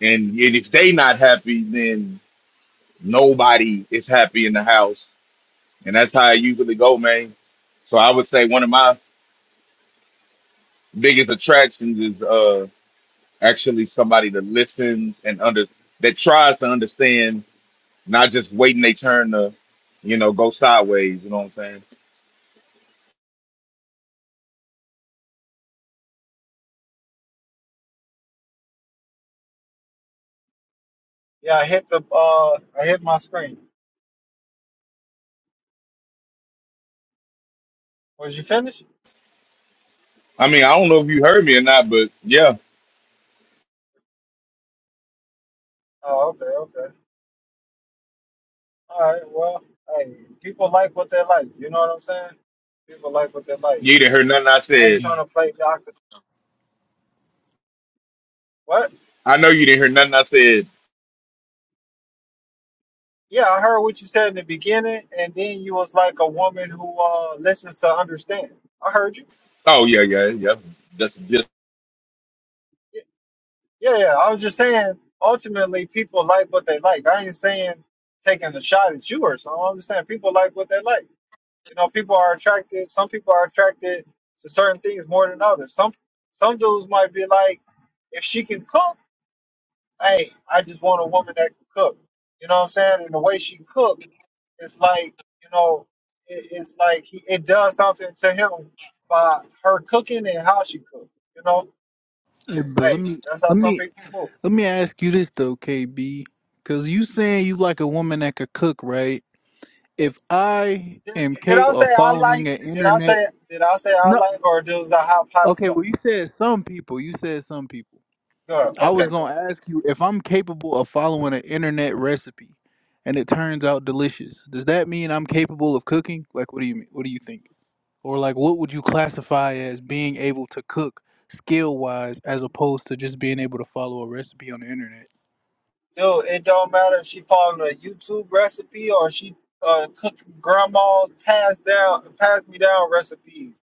And if they not happy, then nobody is happy in the house. And that's how I usually go, man. So I would say one of my biggest attractions is uh actually somebody that listens and under that tries to understand, not just waiting they turn to, you know, go sideways, you know what I'm saying? Yeah, I hit the uh, I hit my screen. Was you finished? I mean, I don't know if you heard me or not, but yeah, Oh, okay, okay. All right, well, hey, people like what they like. You know what I'm saying? People like what they like. you didn't hear nothing I I ain't said. Man. trying to play doctor. What? I know you didn't hear nothing I said. Yeah, I heard what you said in the beginning, and then you was like a woman who uh listens to understand. I heard you. Oh yeah, yeah, yeah. That's just Yeah, yeah. yeah. I was just saying, ultimately, people like what they like. I ain't saying taking a shot at you or something. I'm just saying people like what they like. You know, people are attracted. Some people are attracted to certain things more than others. Some some dudes might be like, if she can cook. hey, I just want a woman that can cook. You know what I'm saying? And the way she cooked, it's like, you know, it, it's like he, it does something to him by her cooking and how she cooked. You know, Hey, but let hey, me that's how let some me people move. let me ask you this though, KB, because you saying you like a woman that could cook, right? Did, if I am did, did I capable of say I like? following an Did I internet, say? Did I say I no, like? Or just I okay. hypothesize? Well, you said some people. You said some people. Good. I was Okay. Good. gonna ask you if I'm capable of following an internet recipe, and it turns out delicious. Does that mean I'm capable of cooking? Like, what do you mean? What do you think? Or like, what would you classify as being able to cook skill wise, as opposed to just being able to follow a recipe on the internet? Dude, it don't matter if she following a YouTube recipe or she uh cooking grandma passed down passed me down recipes.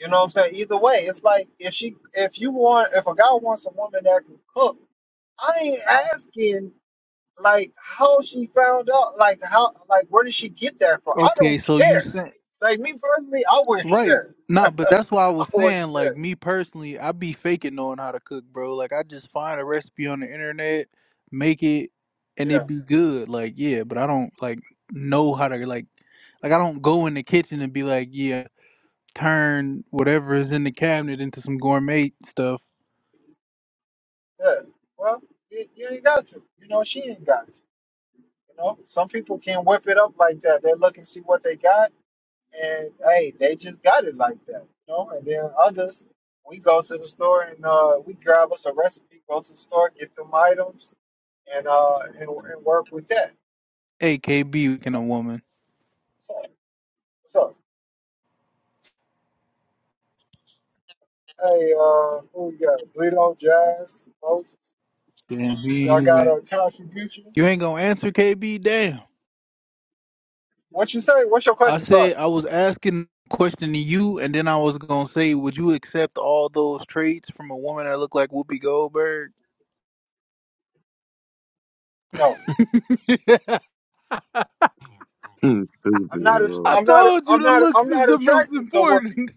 You know what I'm saying? Either way, it's like if she if you want if a guy wants a woman that can cook, I ain't asking like how she found out, like how like where did she get that from? I Okay, don't so you care. said Like me personally, I wouldn't Right. care. [laughs] Nah, but that's why I I was wouldn't saying, like, care. me personally, I be faking knowing how to cook, bro. Like, I just find a recipe on the internet, make it, and it Yes. be good. Like, yeah, but I don't, like, know how to, like, like, I don't go in the kitchen and be like, yeah, turn whatever is in the cabinet into some gourmet stuff. Yeah. Well, you, you ain't got to. You know she ain't got to. You know, some people can whip it up like that. They look and see what they got, and hey, they just got it like that. You know, and then others, we go to the store and uh, we grab us a recipe, go to the store, get them items, and uh, and, and work with that. Hey, KB, You can know? a woman. So, so hey, uh, who we got? Bleedo, Jazz, Moses. Damn, you ain't Y'all got even, a contribution? you ain't gonna answer KB? What you say? What's your I question? Sorry. said I was asking a question to you, and then I was gonna say, would you accept all those traits from a woman that looked like Whoopi Goldberg? No, [laughs] I Hmm, [laughs] Boo I'm not. i boo. am not. told i you am the not. i looks I'm is not the most attracted to Whoopi. important.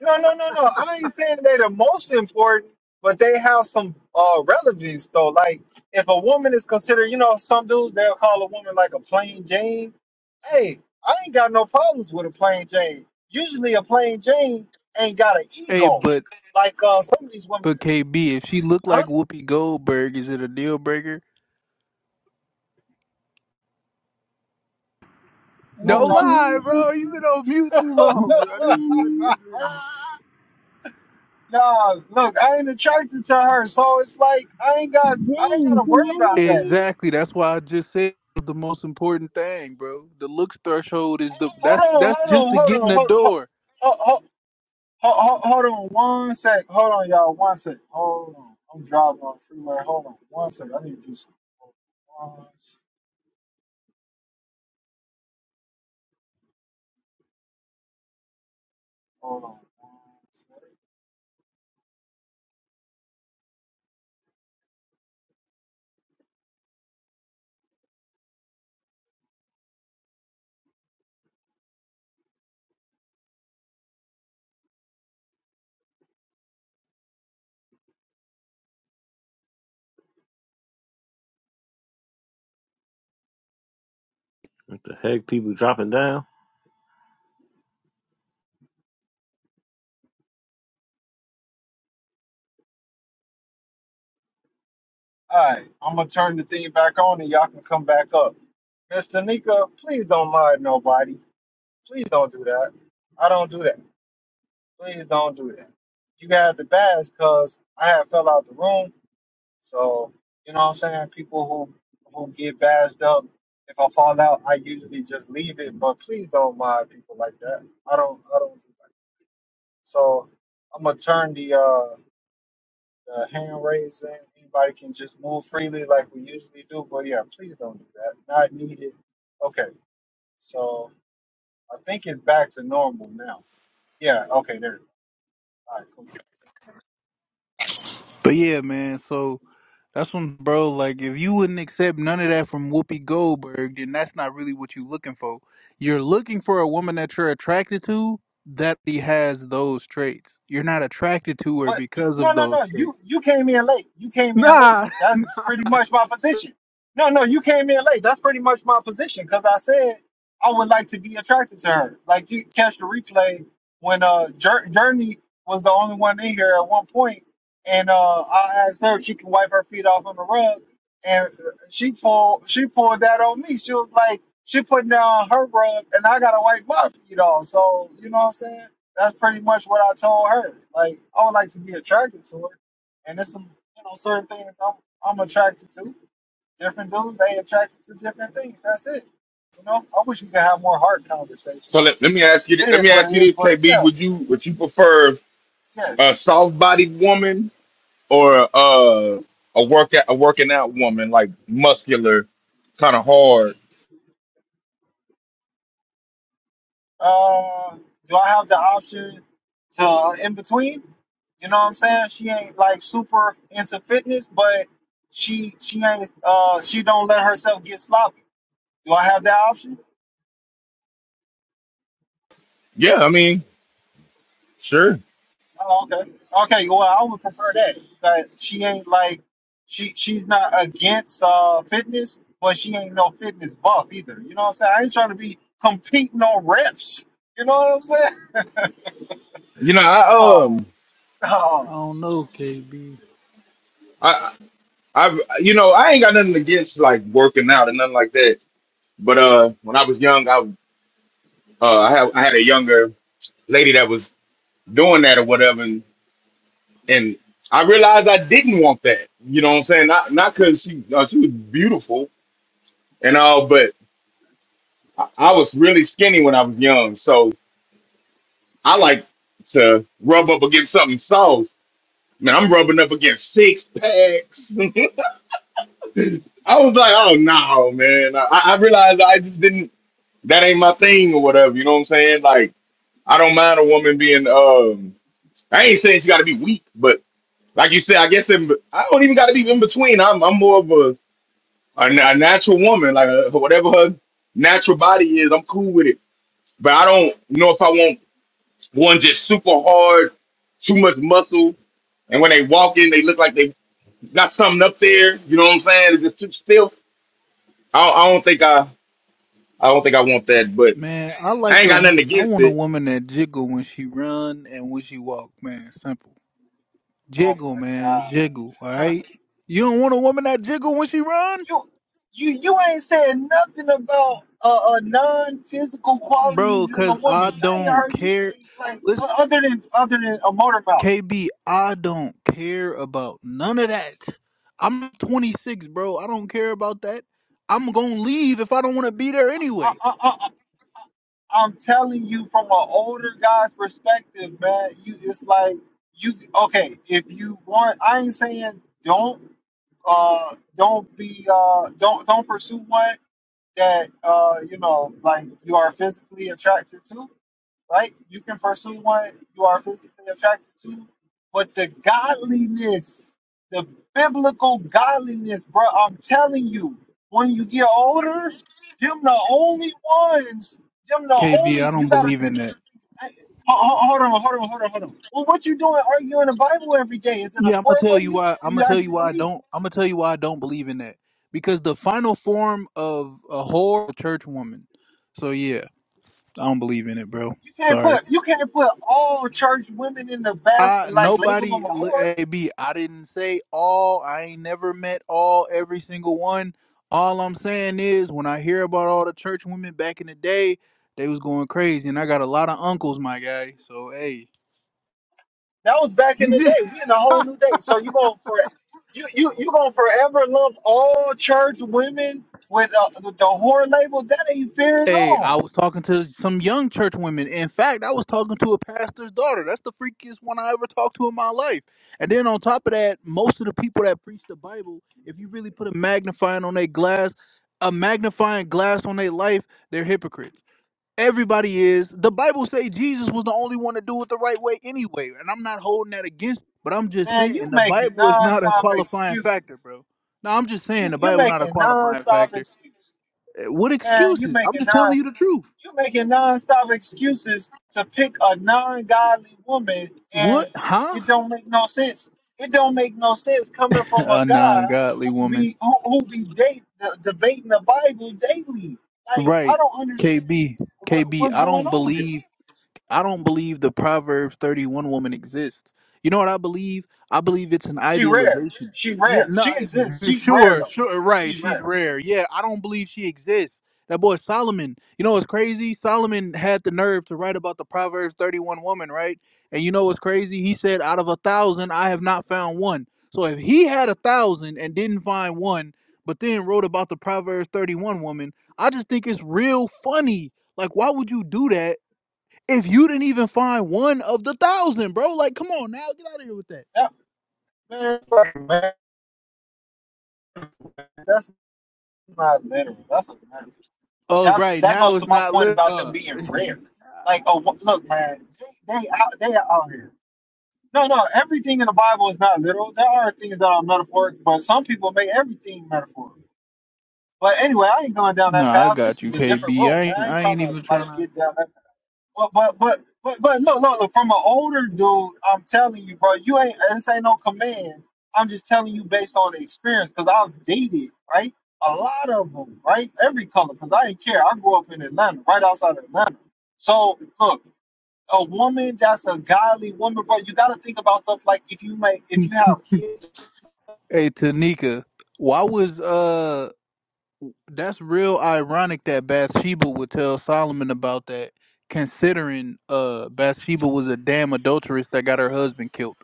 No, no, no, no. I ain't saying they're the most important, but they have some uh relevance though. Like if a woman is considered, you know, some dudes they'll call a woman like a plain Jane. Hey, I ain't got no problems with a plain Jane. Usually a plain Jane ain't got an [laughs] hey, ego. but Like uh some of these women but KB, if she looked huh? like Whoopi Goldberg, is it a deal breaker? can No you Don't comment. lie, hear bro. You've me? been on mute [laughs] too Can long, you bro. That's hear funny me? as hell. nah, look, I ain't attracted to her, so it's like I ain't got I ain't Jane, gotta can worry you about hear that. me? Exactly. That's why I just said the most important thing, bro. The looks threshold is the Hold that's on, that's hold just on, to hold get in on, hold the hold door. hold hold, hold, hold on one sec. Hold on, y'all, one sec. Hold on. I'm driving on the freeway. Hold on, one sec. I need to do some. Hold on, one sec. Hold on, one sec. What the heck? People dropping down? All right, I'm gonna turn the thing back on and y'all can come back up. Miss Tanika, please don't mind nobody. Please don't do that. I don't do that. Please don't do that. You got the badge because I had fell out the room So, you know what I'm saying? People who who get bashed up, if I fall out, I usually just leave it, but please don't mind people like that. I don't I don't do that. So I'm gonna turn the uh the hand raising. Anybody can just move freely like we usually do, but yeah, please don't do that. Not needed. Okay. So I think it's back to normal now. Yeah, okay, there. All right, cool. But yeah, man. So That's when, bro. Like, if you wouldn't accept none of that from Whoopi Goldberg, then that's not really what you're looking for. You're looking for a woman that you're attracted to that he has those traits. You're not attracted to her But because no, of no, no. those You traits. you came in late. You came in late. Nah, That's pretty much my position. No, no, you came in late. That's pretty much my position because I said I would like to be attracted to her. Like you catch the replay when uh Jer- Journey was the only one in here at one point, and uh I asked her if she could wipe her feet off on the rug, and she pulled she pulled that on me. She was like she putting down her rug, and I gotta wipe my feet off. So you know what I'm saying? that's pretty much what I told her. Like I would like to be attracted to her, and there's some you know certain things I'm I'm attracted to. Different dudes they attracted to different things. That's it. You know, I wish we could have more hard conversations. So let, let me ask you. thi- It Let is me what ask it you is, this, but KB. yeah, Would you would you prefer yeah. a soft bodied woman or uh, a workout a working out woman like muscular, kind of hard? Uh, do I have the option to uh, in between? You know what I'm saying? She ain't like super into fitness, but she she ain't uh she don't let herself get sloppy. Do I have that option? Yeah, I mean, sure. Oh, okay. Okay. Well, I would prefer that. That she ain't like she she's not against uh fitness, but she ain't no fitness buff either. You know what I'm saying? I ain't trying to be competing on reps. You know what I'm saying? You know, [laughs] I oh, um, I oh, don't know, KB. I I you know I ain't got nothing against like working out and nothing like that. But uh, when I was young, I uh I had I had a younger lady that was doing that or whatever, and, and I realized I didn't want that. You know what I'm saying? Not not because she uh, she was beautiful and all, but I I was really skinny when I was young. So I like to rub up against something soft. Man, I'm rubbing up against six packs. [laughs] I was like, oh no, man. I, I realized I just didn't that ain't my thing or whatever. You know what I'm saying? Like, I don't mind a woman being um I ain't saying she gotta be weak, but like you said, I guess in, I don't even gotta be in between. I'm I'm more of a a, na- a natural woman, like uh whatever her natural body is, I'm cool with it. But I don't know if I want One's just super hard, too much muscle, and when they walk in, they look like they got something up there. You know what I'm saying? It's just too still. I, don't- I don't think I, I don't think I want that. But Man, I I like ain't a. got wo- nothing I against want a it. woman that jiggle when she run and when she walk. Man, simple. oh Jiggle, my man, God. jiggle. All [laughs] right. You don't want a woman that jiggle when she run, you you you ain't said nothing about uh, uh non-physical bro? qualities in a Cause I woman. I ain't don't heard you care. say like o- other than other than a motorboat. KB, I don't care about none of that. I'm 26, bro. I don't care about that. I'm gonna leave if I don't want to be there anyway. I'm telling you from an older guy's perspective, man. You it's like you okay, if you want I ain't saying don't uh don't be uh don't don't pursue one that uh you know like you are physically attracted to right? You can pursue one you are physically attracted to, but the godliness, the biblical godliness, bro, I'm telling you, when you get older, them the only ones, them the KB, only, I you don't gotta believe think, in that. hey, ho- ho- hold on, hold on, hold on, hold on. Well, what you doing arguing the Bible every day? Is it a Yeah, I'm gonna sport for tell you you, why. or I'm gonna you tell you actually why I believe it? don't. I'm gonna tell you why I don't believe in that. Because the final form of a whore, a church woman. So yeah, I don't believe in it, bro. You can't Sorry. put you can't put all church women in the bath I and like label nobody them a li- whore. AB. I didn't say all. I ain't never met all every single one. All I'm saying is when I hear about all the church women back in the day, they was going crazy, and I got a lot of uncles, my guy. So hey, That was back in the day. We in a [laughs] whole new day. So you going to for you you you going to forever lump all church women with, uh, with the whore label? That ain't fair at Hey, I all, was talking to some young church women. In fact, I was talking to a pastor's daughter. That's the freakiest one I ever talked to in my life. And then on top of that, most of the people that preach the Bible, if you really put a magnifying on their glass, a magnifying glass on their life, they're hypocrites. Everybody is. The Bible say Jesus was the only one to do it the right way anyway, and I'm not holding that against, you, but I'm just man. You saying the making Bible is not a nonstop qualifying excuses. factor, bro. No, I'm just saying You the you're Bible not a making qualifying nonstop factor. excuses. Eh, What Man, you excuses? I'm making just telling non you the truth. you making nonstop excuses to pick a non-godly woman, and What? it, Huh? it don't make no sense. It don't make no sense coming [laughs] from a A guy non-godly who woman. be who, who be date, debating the Bible daily. Like I Right. don't understand KB. what KB. what's I going don't on here. believe. I don't believe the Proverbs 31 woman exists. You know what I believe? I believe it's an She rare. idealization. She Yeah, rare. no, She exists. eh, She's rare sure, though. sure, right. She's She's rare. rare. Yeah, I don't believe she exists. That boy Solomon, you know what's crazy? Solomon had the nerve to write about the Proverbs 31 woman, right? And you know what's crazy? He said, out of a thousand, I have not found one. So if he had a thousand and didn't find one, but then wrote about the Proverbs 31 woman, I just think it's real funny. Like, why would you do that? if you didn't even find one of the thousand, bro. Like, come on now, get out of here with that. That, man, that's not literal. That's a metaphor. Oh, that's right that goes now it's to my not point lit. about them Huh. being rare. Like, oh, [laughs] look, man, they they out, they are out here. No, no, everything in the Bible is not literal. There are things that are metaphoric, but some people make everything metaphorical. But anyway, I ain't going down that nah, I path. This got you, is a different KB. room, I man. ain't, I ain't I trying ain't to even trying like to. get down that but but but but but look look look from an older dude, I'm telling you, bro, you ain't this ain't no command. I'm just telling you based on experience, cause I've dated right a lot of them, right? Every color, cause I didn't care. I grew up in Atlanta, right outside of Atlanta. So look, a woman that's a godly woman, bro, you gotta think about stuff like if you make if you have kids Hey, Tanika, why was uh? That's real ironic that Bathsheba would tell Solomon about that, considering uh Bathsheba was a damn adulteress that got her husband killed.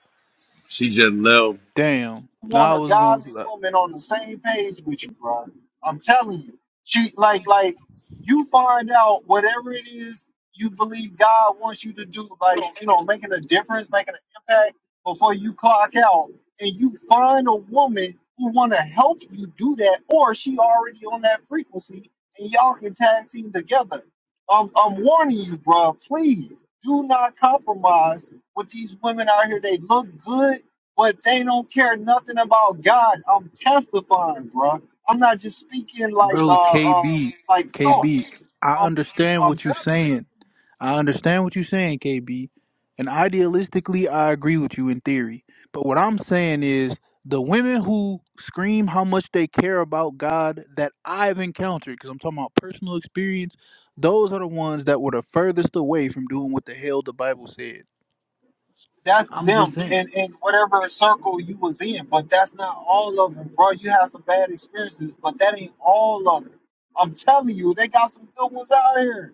She just left. Damn. Nah, want I a was godly gonna, woman on the same page with you, bro. I'm telling you. She like like you find out whatever it is you believe God wants you to do, like, you know, making a difference, making an impact before you clock out, and you find a woman who wanna help you do that, or she already on that frequency and y'all can tag team together. I'm I'm warning you, bro, please do not compromise with these women out here. They look good but they don't care nothing about God. I'm testifying, bro. I'm not just speaking like bro. uh uh KB, like KB. thoughts. I I'm understand I'm what you're telling you. saying. I understand what you're saying, KB, and idealistically, I agree with you in theory. But what I'm saying is the women who scream how much they care about God that I've encountered, because I'm talking about personal experience, those are the ones that were the furthest away from doing what the hell the Bible said. that's I'm just them saying. in, in whatever circle you was in, but that's not all of them, bro. You had some bad experiences, but that ain't all of them. I'm telling you, they got some good ones out here.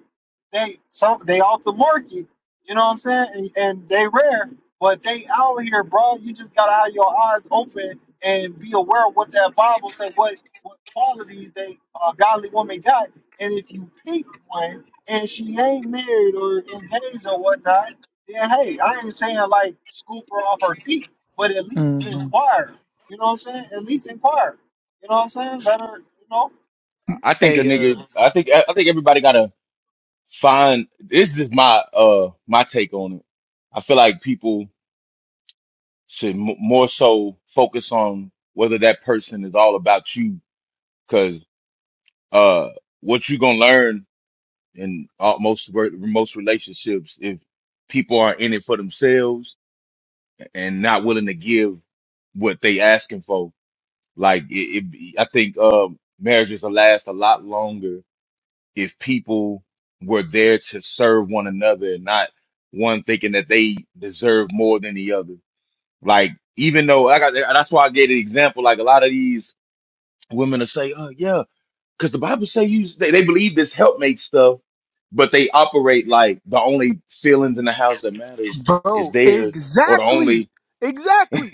They some they off the market, you know what I'm saying? And, and they rare, but they out here, bro. You just gotta have your eyes open and be aware of what that Bible said, what what qualities they uh, godly woman got, and if you pick one and she ain't married or engaged or whatnot then hey, I ain't saying like scoop her off her feet, but at least Mhm. inquire. You know what I'm saying? At least inquire. You know what I'm saying? Let her, you know. I think a Hey, uh, nigga. I think. I think everybody gotta find. This is my uh my take on it. I feel like people should m- more so focus on whether that person is all about you, because uh what you gonna learn in all, most ver- most relationships, if people are in it for themselves and not willing to give what they asking for, like it, it I think um, marriages will last a lot longer if people were there to serve one another and not one thinking that they deserve more than the other. Like even though like I got that's why I gave the example. Like a lot of these women will say, "Oh yeah." because the Bible say you they, they believe this helpmate stuff, but they operate like the only feelings in the house that matters is bro, theirs, or the exactly, only. exactly.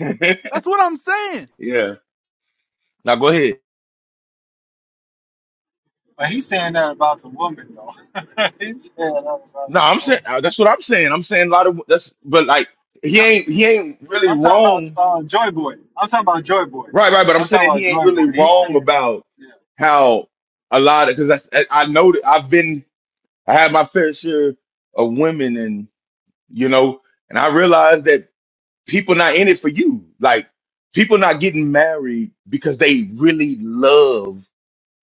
That's what I'm saying. [laughs] yeah. Now go ahead. But he's saying that about the woman though. [laughs] he's saying that about No, the I'm saying woman. uh, that's what I'm saying. I'm saying a lot of that's, but like he No, ain't he ain't really I'm talking about wrong. uh, Joy Boy. I'm talking about Joy Boy. Right, right. But I'm I'm talking saying about he ain't Joy really Boy. He's wrong saying, about yeah. how a lot of because I, I know that I've been I had my fair share of women and you know and I realized that people not in it for you. Like people not getting married because they really love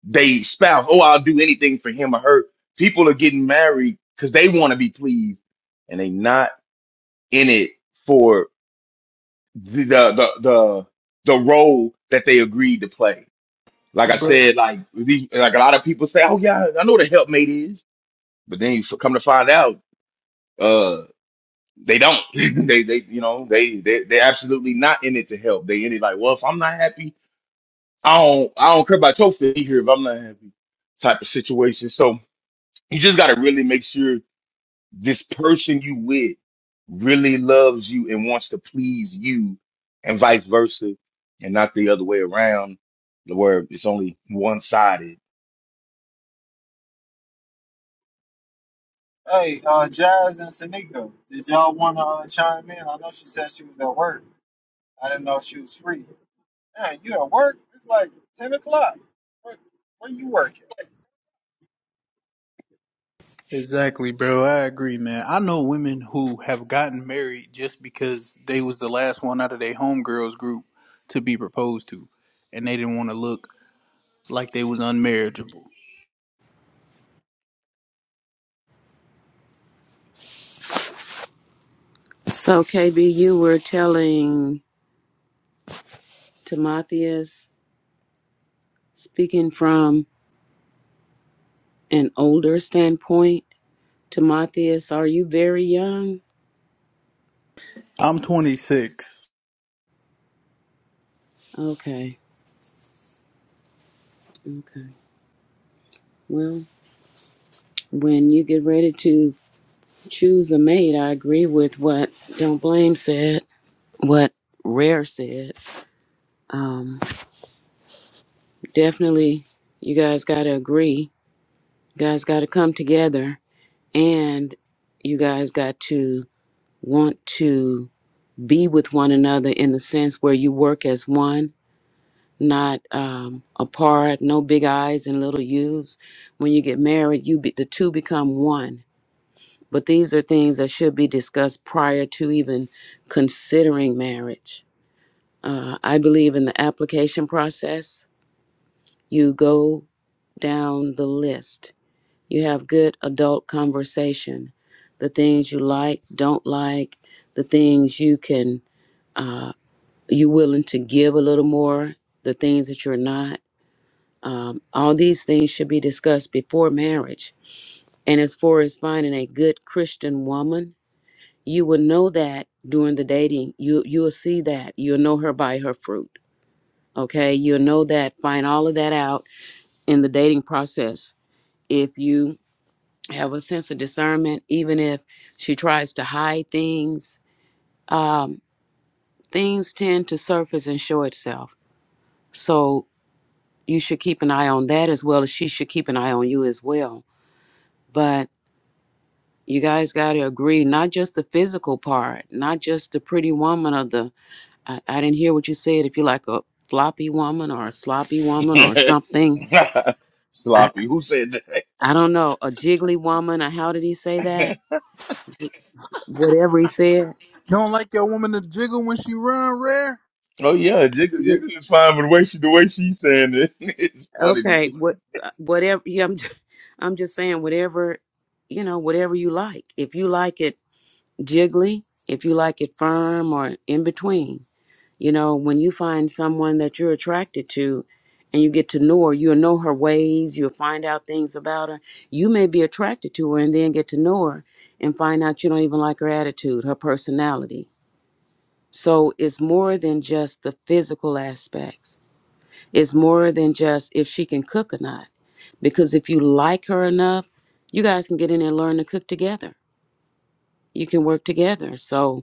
they spouse. Oh, I'll do anything for him or her. People are getting married because they want to be pleased, and they not in it for the the the the the role that they agreed to play. Like I bro. said, like these, like a lot of people say, oh yeah, I know what a helpmate is, but then you come to find out. uh, they don't. [laughs] they they you know they they they're absolutely not in it to help. They in it like, well, if I'm not happy, I don't I don't care about your feet here if I'm not happy type of situation. So you just gotta really make sure this person you with really loves you and wants to please you and vice versa and not the other way around where it's only one sided. Hey, uh, Jazz and Tanika, did y'all want to uh, chime in? I know she said she was at work. I didn't know she was free. Man, you at work? It's like 10 o'clock. Where, where you working? Exactly, bro. I agree, man. I know women who have gotten married just because they was the last one out of their homegirls group to be proposed to, and they didn't want to look like they was unmarriageable. So, KB, you were telling Timotheus, speaking from an older standpoint, Timotheus, are you very young? I'm 26. Okay, okay. Well, when you get ready to choose a mate, I agree with what Don't Blame said, what Rare said. Um, definitely, you guys got to agree. You guys got to come together, and you guys got to want to be with one another in the sense where you work as one, not um, apart, no big eyes and little U's. When you get married, you be, the two become one. But these are things that should be discussed prior to even considering marriage. Uh, I believe in the application process. You go down the list. You have good adult conversation. The things you like, don't like, the things you can uh, You're willing to give a little more, the things that you're not. Um, all these things should be discussed before marriage. And as far as finding a good Christian woman, you will know that during the dating. You you'll see that. You'll know her by her fruit. Okay? You'll know that, find all of that out in the dating process. If you have a sense of discernment, even if she tries to hide things, um, things tend to surface and show itself. So you should keep an eye on that as well as she should keep an eye on you as well. But you guys got to agree, not just the physical part, not just the pretty woman or the, I, I didn't hear what you said, if you like a floppy woman or a sloppy woman or [laughs] something. I, Sloppy. Who said that? I don't know, a jiggly woman or how did he say [laughs] that? Whatever he said. You don't like your woman to jiggle when she run rare? Oh yeah, Jigga, Yeah, Jigga is fine, but the way she the way she's saying it, [laughs] it's funny to Okay, me. what, uh, whatever, yeah, I'm, [laughs] I'm just saying whatever, you know, whatever you like. If you like it, jiggly, if you like it firm or in between. You know, when you find someone that you're attracted to and you get to know her, you'll know her ways, you'll find out things about her. You may be attracted to her and then get to know her and find out you don't even like her attitude, her personality. So it's more than just the physical aspects, it's more than just if she can cook or not. Because if you like her enough, you guys can get in and learn to cook together. You can work together. So,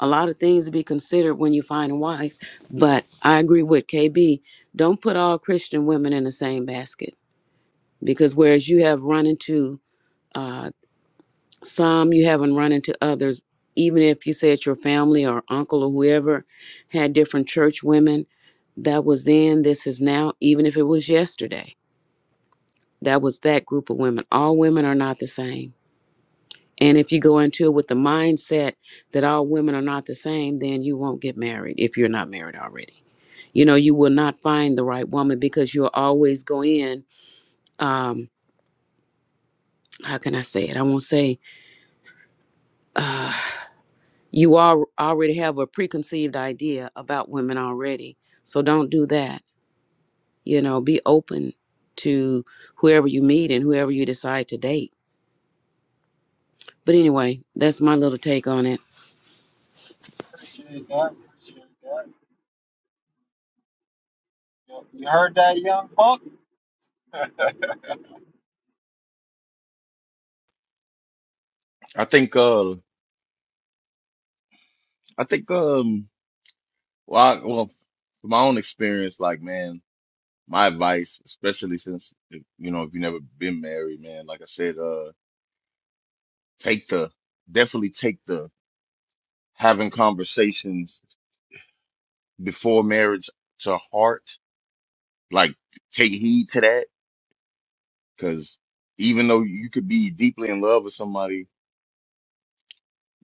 a lot of things to be considered when you find a wife. But I agree with KB. Don't put all Christian women in the same basket because whereas you have run into uh, some, you haven't run into others. Even if you said your family or uncle or whoever had different church women, that was then, this is now, even if it was yesterday, that was that group of women. All women are not the same And if you go into it with the mindset that all women are not the same, then you won't get married if you're not married already. You know, you will not find the right woman because you'll always go in. Um, how can I say it? I won't say uh, you all already have a preconceived idea about women already. So don't do that. You know, be open to whoever you meet and whoever you decide to date. But anyway, that's my little take on it. Appreciate that. Appreciate that. You you heard that, young buck? I think uh I think um well I, well from my own experience, like man, my advice, especially since if, you know if you never been married, man, like I said, uh take the definitely take the having conversations before marriage to heart. Like take heed to that, because even though you could be deeply in love with somebody,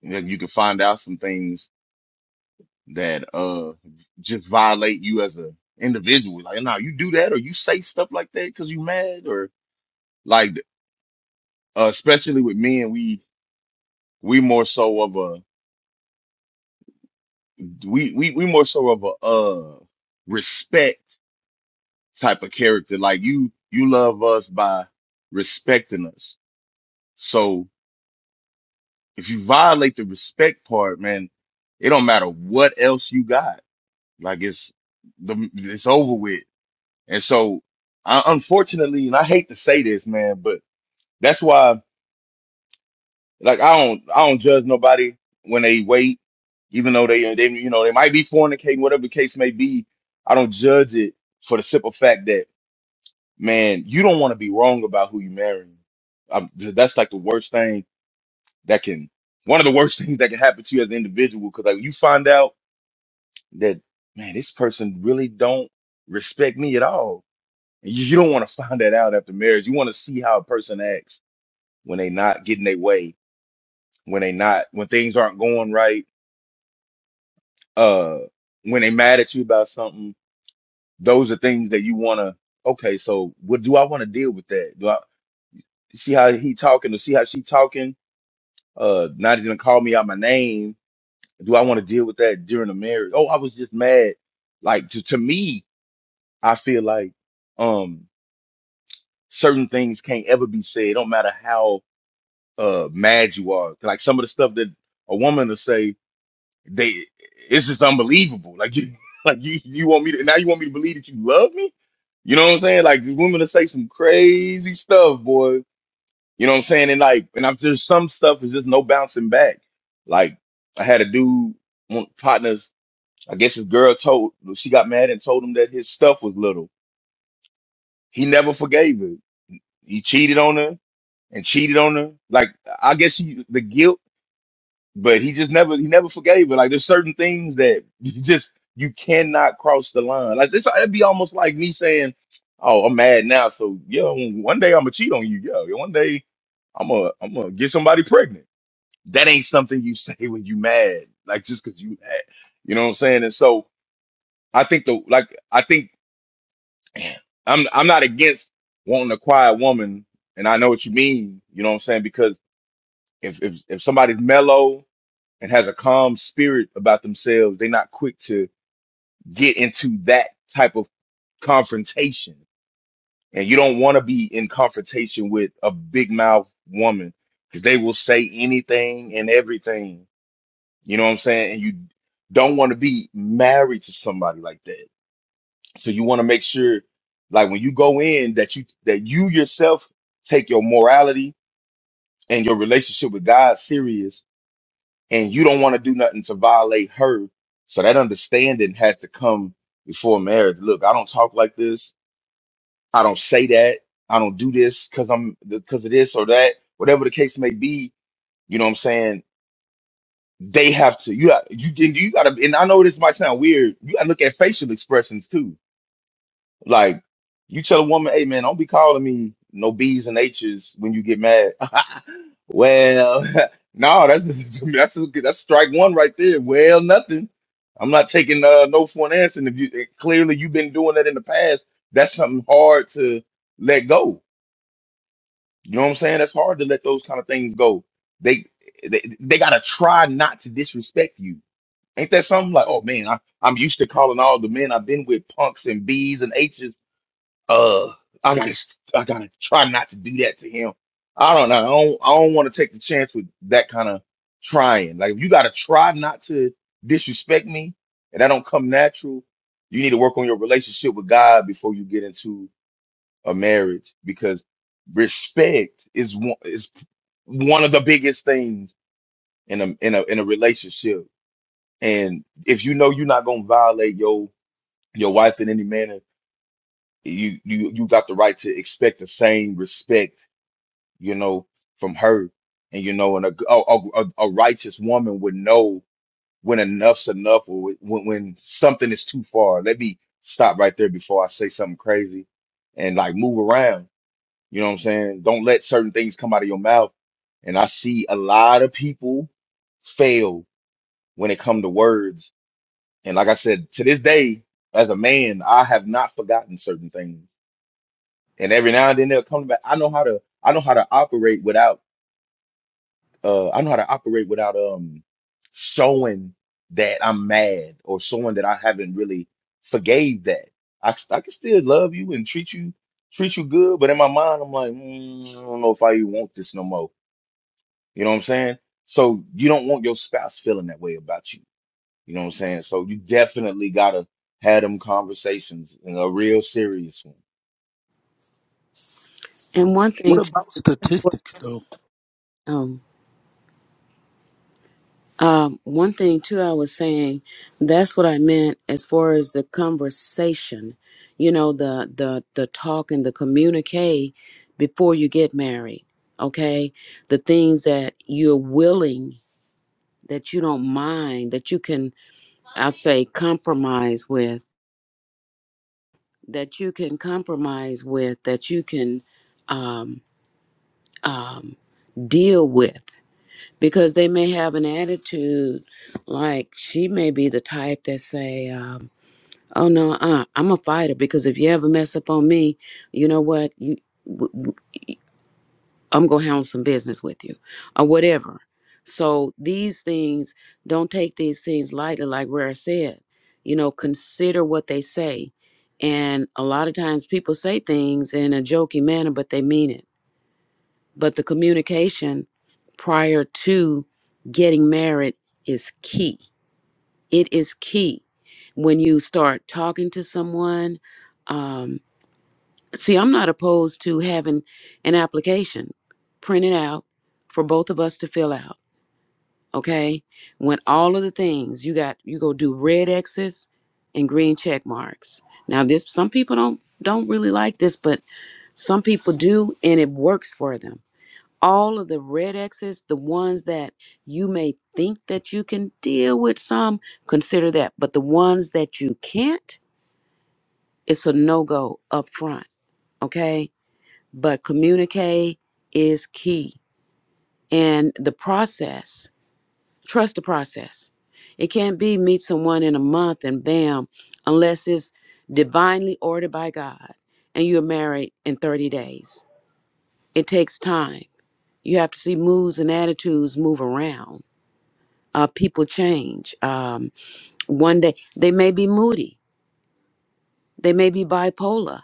you know, you could find out some things that uh just violate you as an individual. Like, now you do that or you say stuff like that because you mad or like, uh, especially with men, we we more so of a we we we more so of a uh respect type of character. Like you you love us by respecting us. So if you violate the respect part, man, it don't matter what else you got. Like it's the it's over with And so, I, unfortunately, and I hate to say this, man, but that's why, like, I don't, I don't judge nobody when they wait, even though they, they, you know, they might be fornicating, whatever the case may be. I don't judge it for the simple fact that, man, you don't want to be wrong about who you marrying. Um, th- that's like the worst thing that can, one of the worst [laughs] things that can happen to you as an individual, because like you find out that, man, this person really don't respect me at all You, you don't want to find that out after marriage. You want to see how a person acts when they not getting their way, when they not when things aren't going right, uh, when they mad at you about something. Those are things that you want to. Okay, so what do I want to deal with that? Do I see how he talking or see how she talking? Uh, not even call me out my name. Do I want to deal with that during the marriage? Oh, I was just mad. Like to to me, I feel like um certain things can't ever be said. Don't matter how uh mad you are. Like some of the stuff that a woman will say, they it's just unbelievable. Like you [laughs] like you you want me to now you want me to believe that you love me? You know what I'm saying? Like women will say some crazy stuff, boy. You know what I'm saying? And like and I'm just some stuff is just no bouncing back. Like I had a dude one partners, I guess his girl told she got mad and told him that his stuff was little. He never forgave her. He cheated on her and cheated on her. Like I guess he, the guilt but he just never he never forgave her. Like there's certain things that you just you cannot cross the line. Like this, it'd be almost like me saying, "Oh, I'm mad now, so yo, one day I'm gonna cheat on you, yo. One day I'm gonna I'm gonna get somebody pregnant." That ain't something you [laughs] say when you mad, like just because you mad. You know what I'm saying? And so I think the like I think I'm I'm not against wanting a quiet woman, and I know what you mean. You know what I'm saying? Because if if if somebody's mellow and has a calm spirit about themselves, they're not quick to get into that type of confrontation. And you don't want to be in confrontation with a big mouth woman because they will say anything and everything. You know what I'm saying? And you don't want to be married to somebody like that. So you want to make sure, like when you go in, that you that you yourself take your morality and your relationship with God serious and you don't want to do nothing to violate her. So that understanding has to come before marriage. Look, I don't talk like this. I don't say that. I don't do this because I'm because of this or that. Whatever the case may be, you know what I'm saying. They have to. You got you. You got to. And I know this might sound weird. You got to look at facial expressions too like you tell a woman, hey man, don't be calling me no B's and H's when you get mad. [laughs] well, [laughs] no, that's [laughs] that's that's strike one right there. Well, nothing. I'm not taking uh, no for an answer. And if you eh, clearly you've been doing that in the past, that's something hard to let go. You know what I'm saying? That's hard to let those kind of things go. They they, they gotta try not to disrespect you. Ain't that something like, oh man, I, I'm used to calling all the men I've been with punks and B's and H's I gotta, I gotta try not to do that to him. I don't know. I don't, I don't want to take the chance with that kind of trying. Like, if you gotta try not to disrespect me, and that don't come natural, you need to work on your relationship with God before you get into a marriage because respect is one is one of the biggest things in a in a in a relationship. And if you know you're not gonna violate your your wife in any manner, you you you got the right to expect the same respect you know, from her. And you know, and a a, a, a righteous woman would know when enough's enough or when when something is too far. Let me stop right there before I say something crazy and like move around. You know what I'm saying? Don't let certain things come out of your mouth. And I see a lot of people fail when it come to words. And like I said, to this day, as a man, I have not forgotten certain things. And every now and then they'll come back. I know how to I know how to operate without uh I know how to operate without um showing that I'm mad or showing that I haven't really forgave that. I I can still love you and treat you treat you good, but in my mind I'm like, mm, I don't know if I even want this no more. You know what I'm saying? So you don't want your spouse feeling that way about you. You know what I'm saying? So you definitely gotta have them conversations and a real serious one. And one What thing about too, that's what. statistics, though? Oh, Um, one thing too, I was saying that's what I meant as far as the conversation, you know, the the the talk and the communique before you get married. Okay, the things that you're willing, that you don't mind, that you can, I say, compromise with, that you can compromise with, that you can um, um, deal with because they may have an attitude like she may be the type that say um, oh no uh, i'm a fighter because if you ever mess up on me you know what you w- w- i'm gonna handle some business with you or whatever so these things don't take these things lightly like rare said you know consider what they say and a lot of times people say things in a jokey manner but they mean it but the communication prior to getting married is key. It is key when you start talking to someone. Um, see, I'm not opposed to having an application printed out for both of us to fill out. Okay, when all of the things you got, you go do red X's and green check marks. Now, this some people don't don't really like this, but some people do, and it works for them all of the red X's, the ones that you may think that you can deal with some, consider that. But the ones that you can't, it's a no go up front. Okay. But communicate is key. And the process, trust the process. It can't be meet someone in a month and bam, unless it's divinely ordered by God and you're married in 30 days. It takes time. You have to see moods and attitudes move around uh, people change. Um, one day they may be moody, they may be bipolar,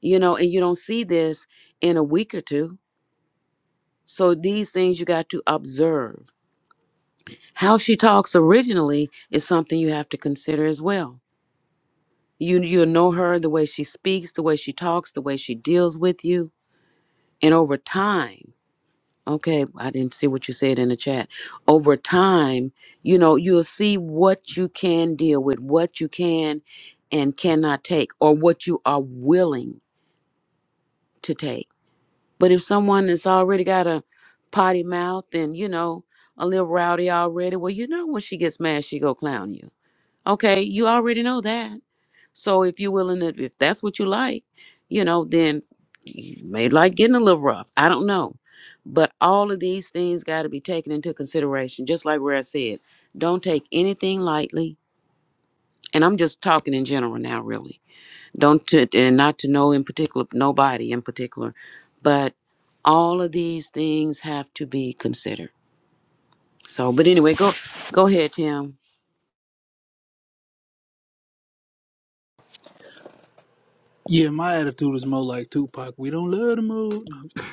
you know, and you don't see this in a week or two. So these things you got to observe. How she talks originally is something you have to consider as well. You you know her the way she speaks, the way she talks, the way she deals with you, and over time. Okay, I didn't see what you said in the chat. Over time, you know, you'll see what you can deal with, what you can and cannot take, or what you are willing to take. But if someone has already got a potty mouth and, you know, a little rowdy already, well, you know, when she gets mad, she go clown you. Okay, you already know that. So if you're willing to, if that's what you like, you know, then you may like getting a little rough. I don't know. But all of these things got to be taken into consideration. Just like where I said, don't take anything lightly. And I'm just talking in general now, really. Don't, to, and not to know in particular, nobody in particular, but all of these things have to be considered. So, but anyway, go, go ahead, Tim. Yeah, my attitude is more like Tupac. We don't love the mood. [laughs]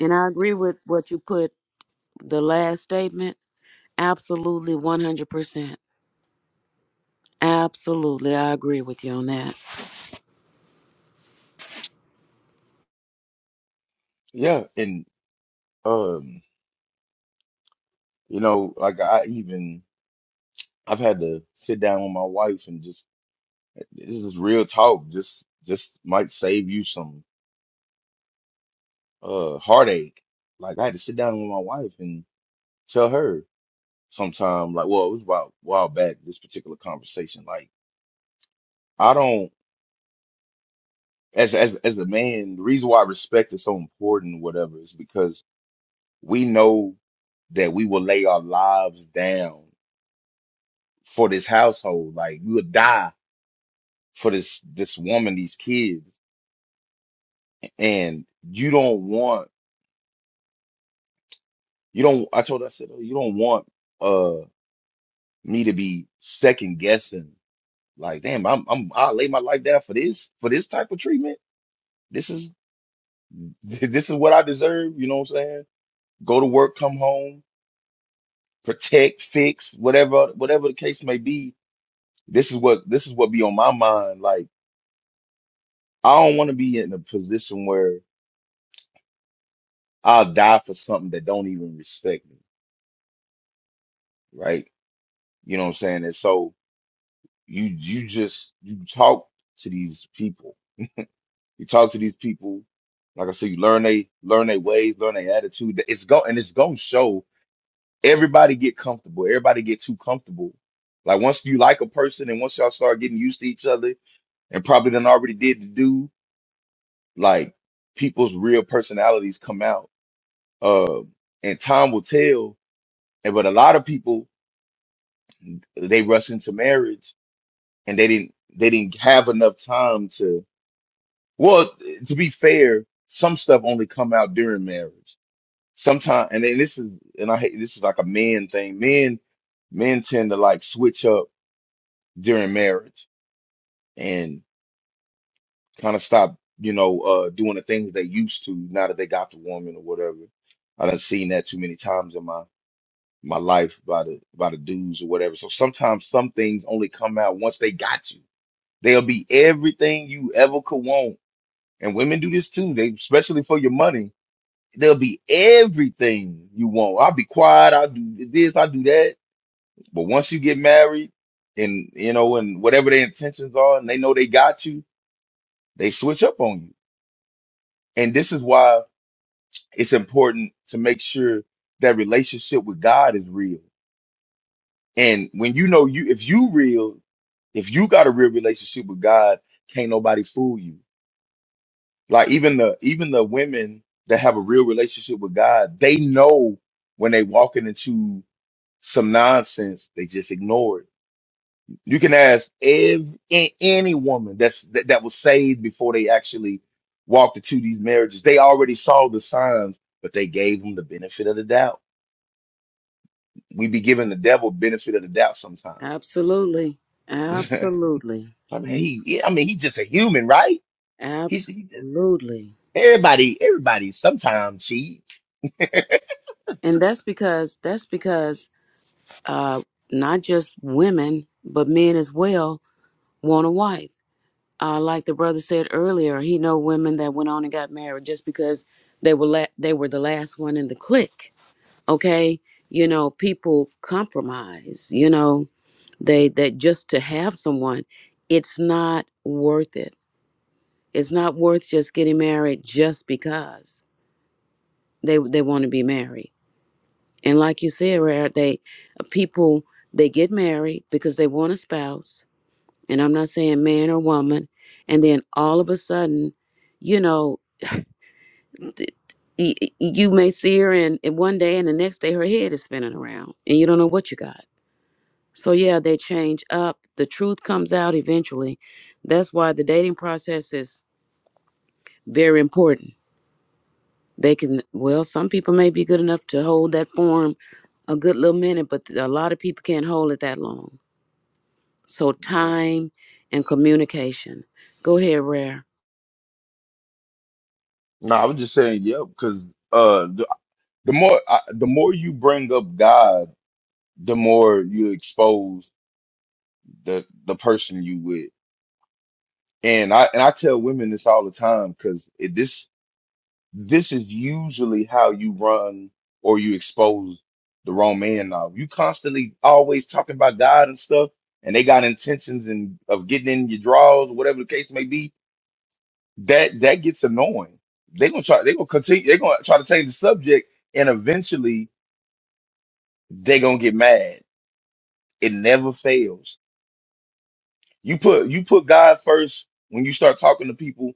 And I agree with what you put the last statement Absolutely, 100%. Absolutely. I agree with you on that. Yeah, and um, you know, like I even I've had to sit down with my wife and just This is real talk. Just just might save you some uh heartache. Like I had to sit down with my wife and tell her sometime, like, well, it was about a while back, this particular conversation. Like, I don't as as as a man, the reason why respect is so important or whatever is because we know that we will lay our lives down for this household. Like we would die for this this woman, these kids. And you don't want You don't. I told her, I said, "Oh, you don't want uh me to be second guessing. Like, damn, I'm I'm I lay my life down for this for this type of treatment. This is [laughs] this is what I deserve. You know what I'm saying? Go to work, come home, protect, fix, whatever whatever the case may be. This is what this is what be on my mind. Like, I don't want to be in a position where I'll die for something that don't even respect me, right? You know what I'm saying? And so you you just you talk to these people You talk to these people, like I said, you learn they learn their ways, learn their attitude. It's go and it's gonna show. Everybody get comfortable. Everybody get too comfortable. Like once you like a person and once y'all start getting used to each other and probably done already did the do, like people's real personalities come out. Uh, and time will tell. And but a lot of people they rush into marriage and they didn't they didn't have enough time to well to be fair some stuff only come out during marriage sometimes and then this is and I hate this is like a man thing. Men men tend to like switch up during marriage and kind of stop, you know, uh doing the things they used to now that they got the woman or whatever. I done seen that too many times in my my life by the by the dudes or whatever. So sometimes some things only come out once they got you. They'll be everything you ever could want. And women do this too. They especially for your money. They'll be everything you want. I'll be quiet. I'll do this. I'll do that But once you get married and you know, and whatever their intentions are, and they know they got you, they switch up on you. And this is why it's important to make sure that relationship with God is real. And when you know you, if you real, if you got a real relationship with God, can't nobody fool you. Like even the even the women that have a real relationship with God, they know when they walking into some nonsense, they just ignore it You can ask ev a- any woman that's that, that was saved before they actually walked into these marriages. They already saw the signs, but they gave them the benefit of the doubt. We be giving the devil benefit of the doubt sometimes. Absolutely. [laughs] Absolutely. I mean, he, yeah, I mean, he's just a human, right? He's he just Absolutely. everybody. Everybody sometimes cheat. [laughs] And that's because that's because uh not just women, but men as well want a wife. Uh like the brother said earlier, he know women that went on and got married just because they were la- they were the last one in the clique. Okay? You know, people compromise, you know They that just to have someone, it's not worth it. It's not worth just getting married just because they they want to be married. And like you said, Rare, they uh, people they get married because they want a spouse, and I'm not saying man or woman, and then all of a sudden, you know, th- y- y- you may see her and, and one day and the next day her head is spinning around and you don't know what you got So yeah, they change up. The truth comes out eventually. That's why the dating process is very important. They can well, some people may be good enough to hold that form a good little minute, but a lot of people can't hold it that long. So Yeah. time and communication. Go ahead, Rare. No, I was just saying, yeah, because uh, the, the more I, the more you bring up God, the more you expose the the person you with. And I and I tell women this all the time because this this is usually how you run or you expose the wrong man. Now you constantly always talking about God and stuff, and they got intentions and of getting in your draws, whatever the case may be. That that gets annoying. They gonna try. They gonna continue. They gonna try to change the subject, and eventually they gonna get mad. It never fails. You put you put God first when you start talking to people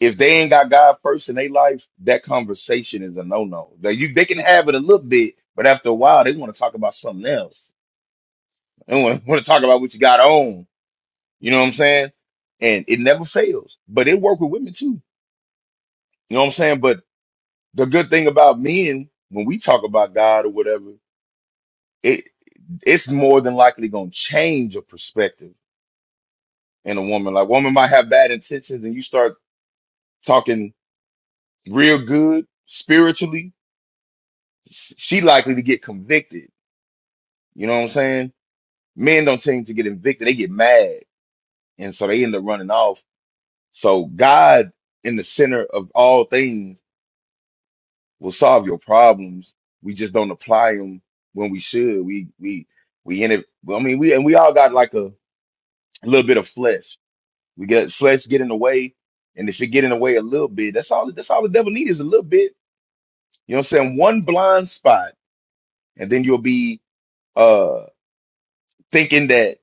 if they ain't got God first in their life, that conversation is a no no. They you they can have it a little bit, but after a while they want to talk about something else. They want to talk about what you got on. You know what I'm saying? And it never fails. But it work with women too. You know what I'm saying? But the good thing about men when we talk about God or whatever, it it's more than likely gonna change your perspective in a woman. Like woman might have bad intentions, and you start talking real good spiritually, she likely to get convicted You know what I'm saying? Men don't tend to get evicted, they get mad. And so they end up running off. So God in the center of all things will solve your problems. We just don't apply them when we should. We we we end up I mean we and we all got like a, a little bit of flesh. We get flesh get in the way. And if it get in the way a little bit, that's all that's all the devil needs is a little bit. You know what I'm saying? One blind spot, and then you'll be uh thinking that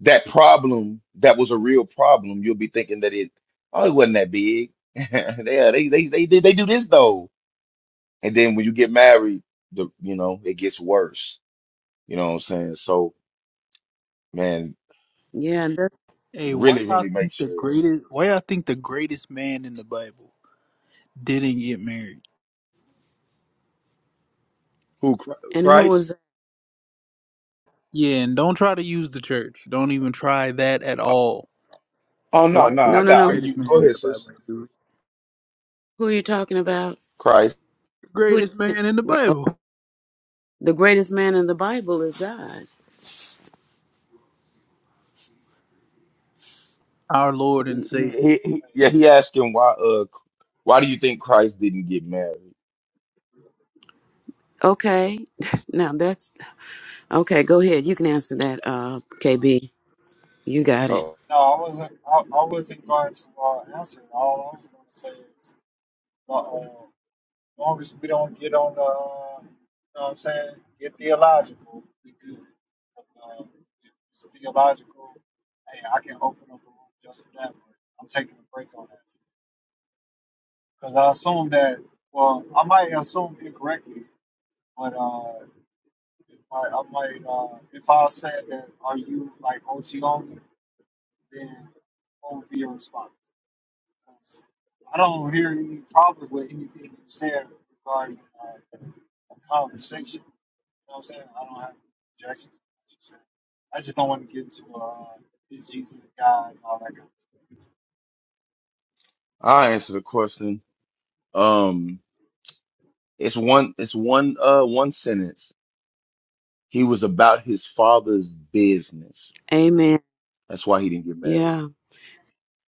that problem that was a real problem, you'll be thinking that it oh it wasn't that big. [laughs] yeah, they they they did they do this though. And then when you get married, the you know, it gets worse. You know what I'm saying? So man, Yeah, and that's, Hey, why really, y'all really make think the sure greatest? Why y'all think the greatest man in the Bible didn't get married? who Chri- and who Christ? was Yeah, and don't try to use the church. Don't even try that at Oh all. oh, no, Why you no, no, I think no, the got oh, no. you greatest man go in ahead, the Bible sis. ain't do it? Who are you talking about? Christ. The Who? greatest man in the oh, Bible, The greatest man in the Bible is God. our Lord and He, he, Savior. he, he- yeah, he asking why uh why do you think Christ didn't get married? Okay, [laughs] now that's okay. Go ahead. You can answer that, uh, KB. You got it. Oh, No, I wasn't. I, I wasn't going to uh, answer. All I was going to say is, uh, as long as we don't get on the, uh, you know what I'm saying, get theological, we good. 'Cause, uh, if it's theological, hey, I can open up a room just for that. But I'm taking a break on that because I assume that. Well, I might assume incorrectly, but uh, Like I'm like, uh, if I said that, are you like OT only? Then what would be your response? 'Cause I don't hear any problem with anything you said regarding uh, the conversation. You know what I'm saying? I don't have any objections to what you said. I just don't want to get to uh, is Jesus God and all that kind of stuff. I answer the question. Um it's one it's one uh one sentence He was about his father's business. Amen. That's why he didn't get married. Yeah.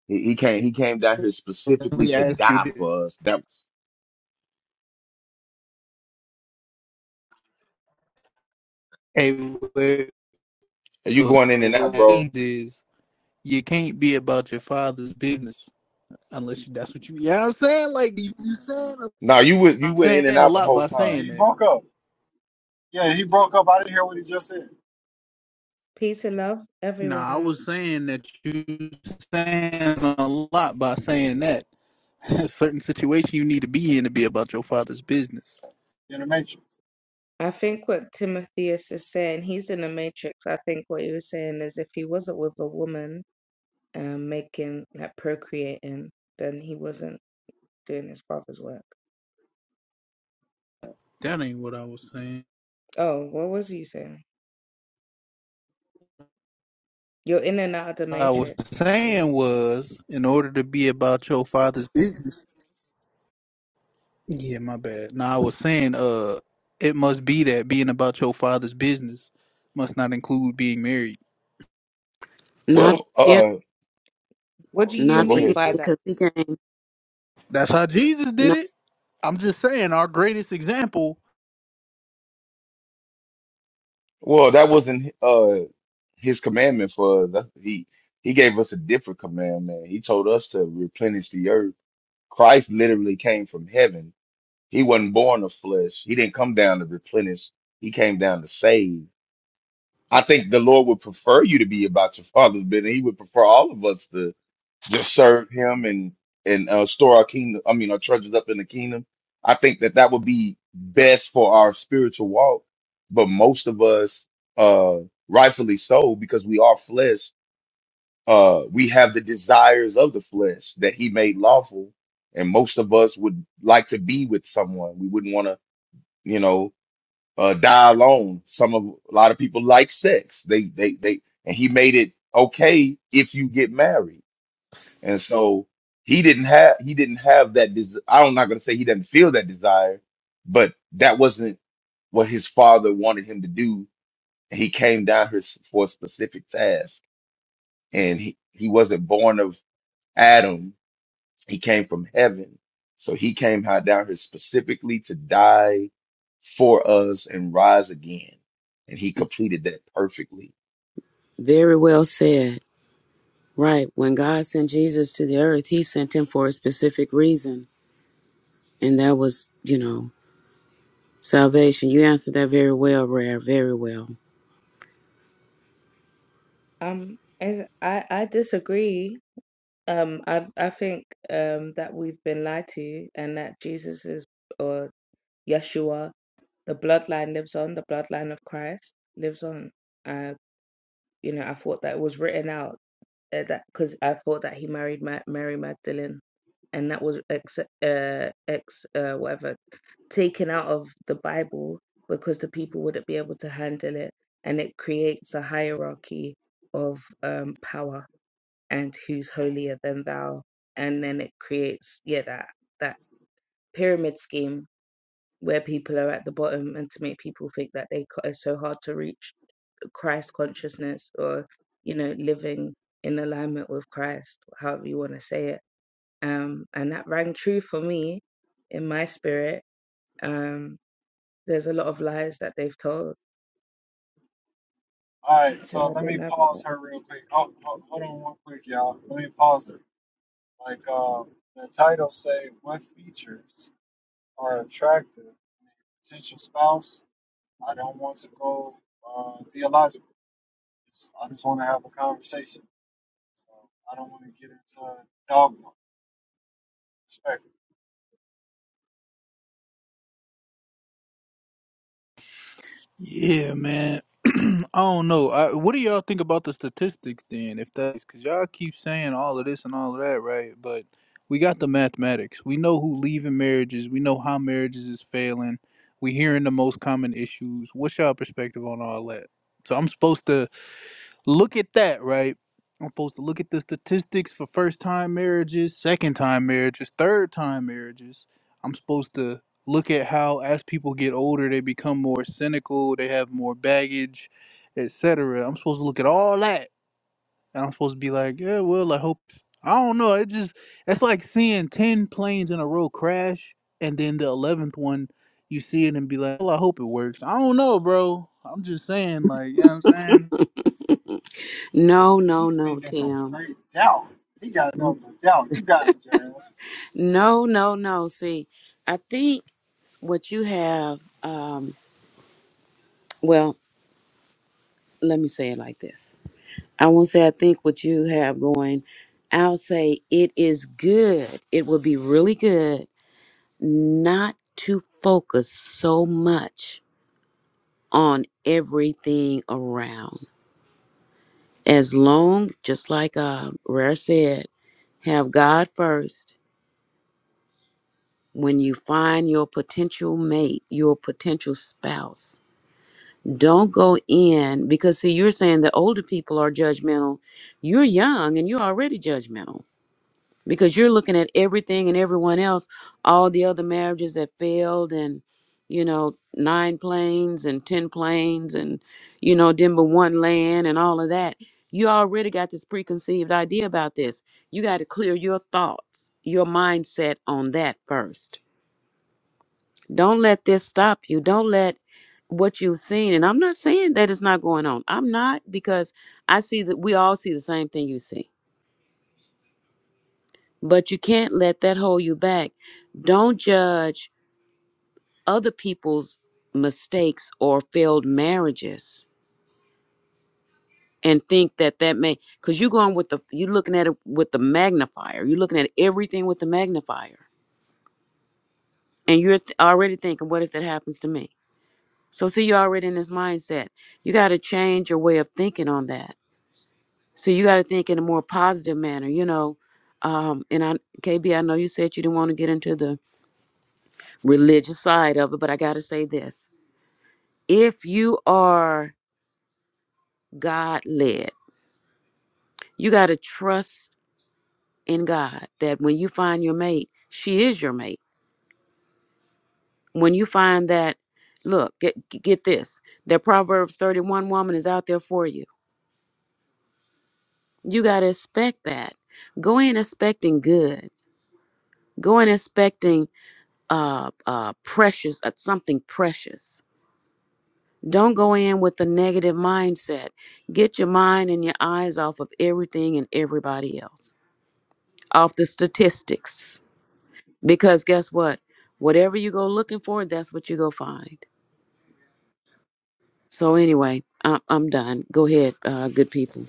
He, he came he came down here Let specifically me to ask you die this. for us. That Hey, where you the going in and soul out, bro. is, you can't be about your father's business unless you, that's what you. Yeah, I'm saying like you, you saying. a- No, you went you I'm went saying in and a out the lot whole by And time. saying he that. broke up. Yeah, he broke up. I didn't hear what he just said Peace and love, Nah, I everyone. was saying that you saying a lot by saying that. [laughs] A certain situation you need to be in to be about your father's business. in the Matrix. I think what Timotheus is saying, he's in the matrix. I think what he was saying is if he wasn't with a woman um, making, like procreating, then he wasn't doing his father's work. That ain't what I was saying. Oh, what was you saying? You're in and out of the What I was matrix. Uh, saying was in order to be about your father's business. Yeah, my bad. No, I was saying uh it must be that being about your father's business must not include being married. Not for Well, him. uh What do you no, Not go for mean him ahead, by sis. that? because he came. That's how Jesus did Not it. I'm just saying our greatest example Well, that wasn't uh his commandment for us. That's, he he gave us a different commandment. He told us to replenish the earth. Christ literally came from heaven. He wasn't born of flesh. He didn't come down to replenish. He came down to save. I think the Lord would prefer you to be about your father's business. He would prefer all of us to just serve Him and and uh, store our kingdom. I mean, our treasures up in the kingdom. I think that that would be best for our spiritual walk. But most of us, uh, rightfully so, because we are flesh. Uh, we have the desires of the flesh that He made lawful, and most of us would like to be with someone. We wouldn't want to, you know uh, die alone. Some of a lot of people like sex. They they they and he made it okay if you get married. And so he didn't have he didn't have that des- I'm not gonna say he doesn't feel that desire, but that wasn't what his father wanted him to do. And he came down here s- for a specific task, and he, he wasn't born of Adam he came from heaven. So he came high down here specifically to die for us and rise again. And he completed that perfectly. very well said. Right. When God sent Jesus to the earth, he sent him for a specific reason. And that was, you know, salvation. You answered that very well, Rare. Very well. Um, I I I disagree. Um, I I think um that we've been lied to, and that Jesus is or Yeshua the bloodline lives on the bloodline of christ lives on uh you know i thought that it was written out uh, that because i thought that he married Ma- mary magdalene and that was ex uh ex uh whatever taken out of the bible because the people wouldn't be able to handle it and it creates a hierarchy of um power and who's holier than thou and then it creates yeah that that pyramid scheme where people are at the bottom and to make people think that they are so hard to reach Christ consciousness or you know living in alignment with Christ however you want to say it um and that rang true for me in my spirit um there's a lot of lies that they've told All right, [clears throat] so so I let don't me know about that pause her real quick. Oh, hold, hold on one quick, y'all. Let me pause her. Like um, the title say, what features are attractive in a potential spouse? I don't want to go uh, theological. It's- I just want to have a conversation. So I don't want to get into dogma. Respectfully. Yeah, man. [clears throat] I don't know. I, what do y'all think about the statistics then? If that's because y'all keep saying all of this and all of that, right? But we got the mathematics. We know who leaving marriages. We know how marriages is failing. We hearing the most common issues. What's y'all perspective on all that? So I'm supposed to look at that, right? I'm supposed to look at the statistics for first time marriages, second time marriages, third time marriages. I'm supposed to look at how as people get older they become more cynical, they have more baggage, etc. I'm supposed to look at all that. And I'm supposed to be like, yeah, well, I hope I don't know. It just it's like seeing 10 planes in a row crash and then the 11th one you see it and be like, "Well, I hope it works." I don't know, bro. I'm just saying like, you know what I'm saying? [laughs] No, And no, he's no, speaking from Tim. straight doubt. He got nothing but doubt. You got it, James. No, no, no. See, I think what you have, um, well, let me say it like this. I won't say I think what you have going. I'll say it is good. It would be really good not to focus so much on everything around. As long, just like uh, Rare said, have God first. When you find your potential mate, your potential spouse, don't go in because see, you're saying the older people are judgmental. You're young and you're already judgmental because you're looking at everything and everyone else, all the other marriages that failed and you know, nine planes and ten planes and you know, then but one land and all of that. You already got this preconceived idea about this. You got to clear your thoughts, your mindset on that first. Don't let this stop you. Don't let what you've seen. And I'm not saying that it's not going on. I'm not because I see that we all see the same thing you see but you can't let that hold you back. Don't judge other people's mistakes or failed marriages and think that that may because you're going with the you're looking at it with the magnifier you're looking at everything with the magnifier and you're th- already thinking what if that happens to me so see you're already in this mindset you got to change your way of thinking on that so you got to think in a more positive manner you know um and i kb i know you said you didn't want to get into the religious side of it but i got to say this If you are God led, you got to trust in God that when you find your mate, she is your mate. When you find that, look, get, get this, that Proverbs 31 woman is out there for you. You got to expect that. Go in expecting good. Go in expecting uh, uh, precious, uh, something precious. Don't go in with a negative mindset. Get your mind and your eyes off of everything and everybody else, off the statistics Because guess what? Whatever you go looking for, that's what you go find. So anyway, I'm I'm done. Go ahead, uh, good people.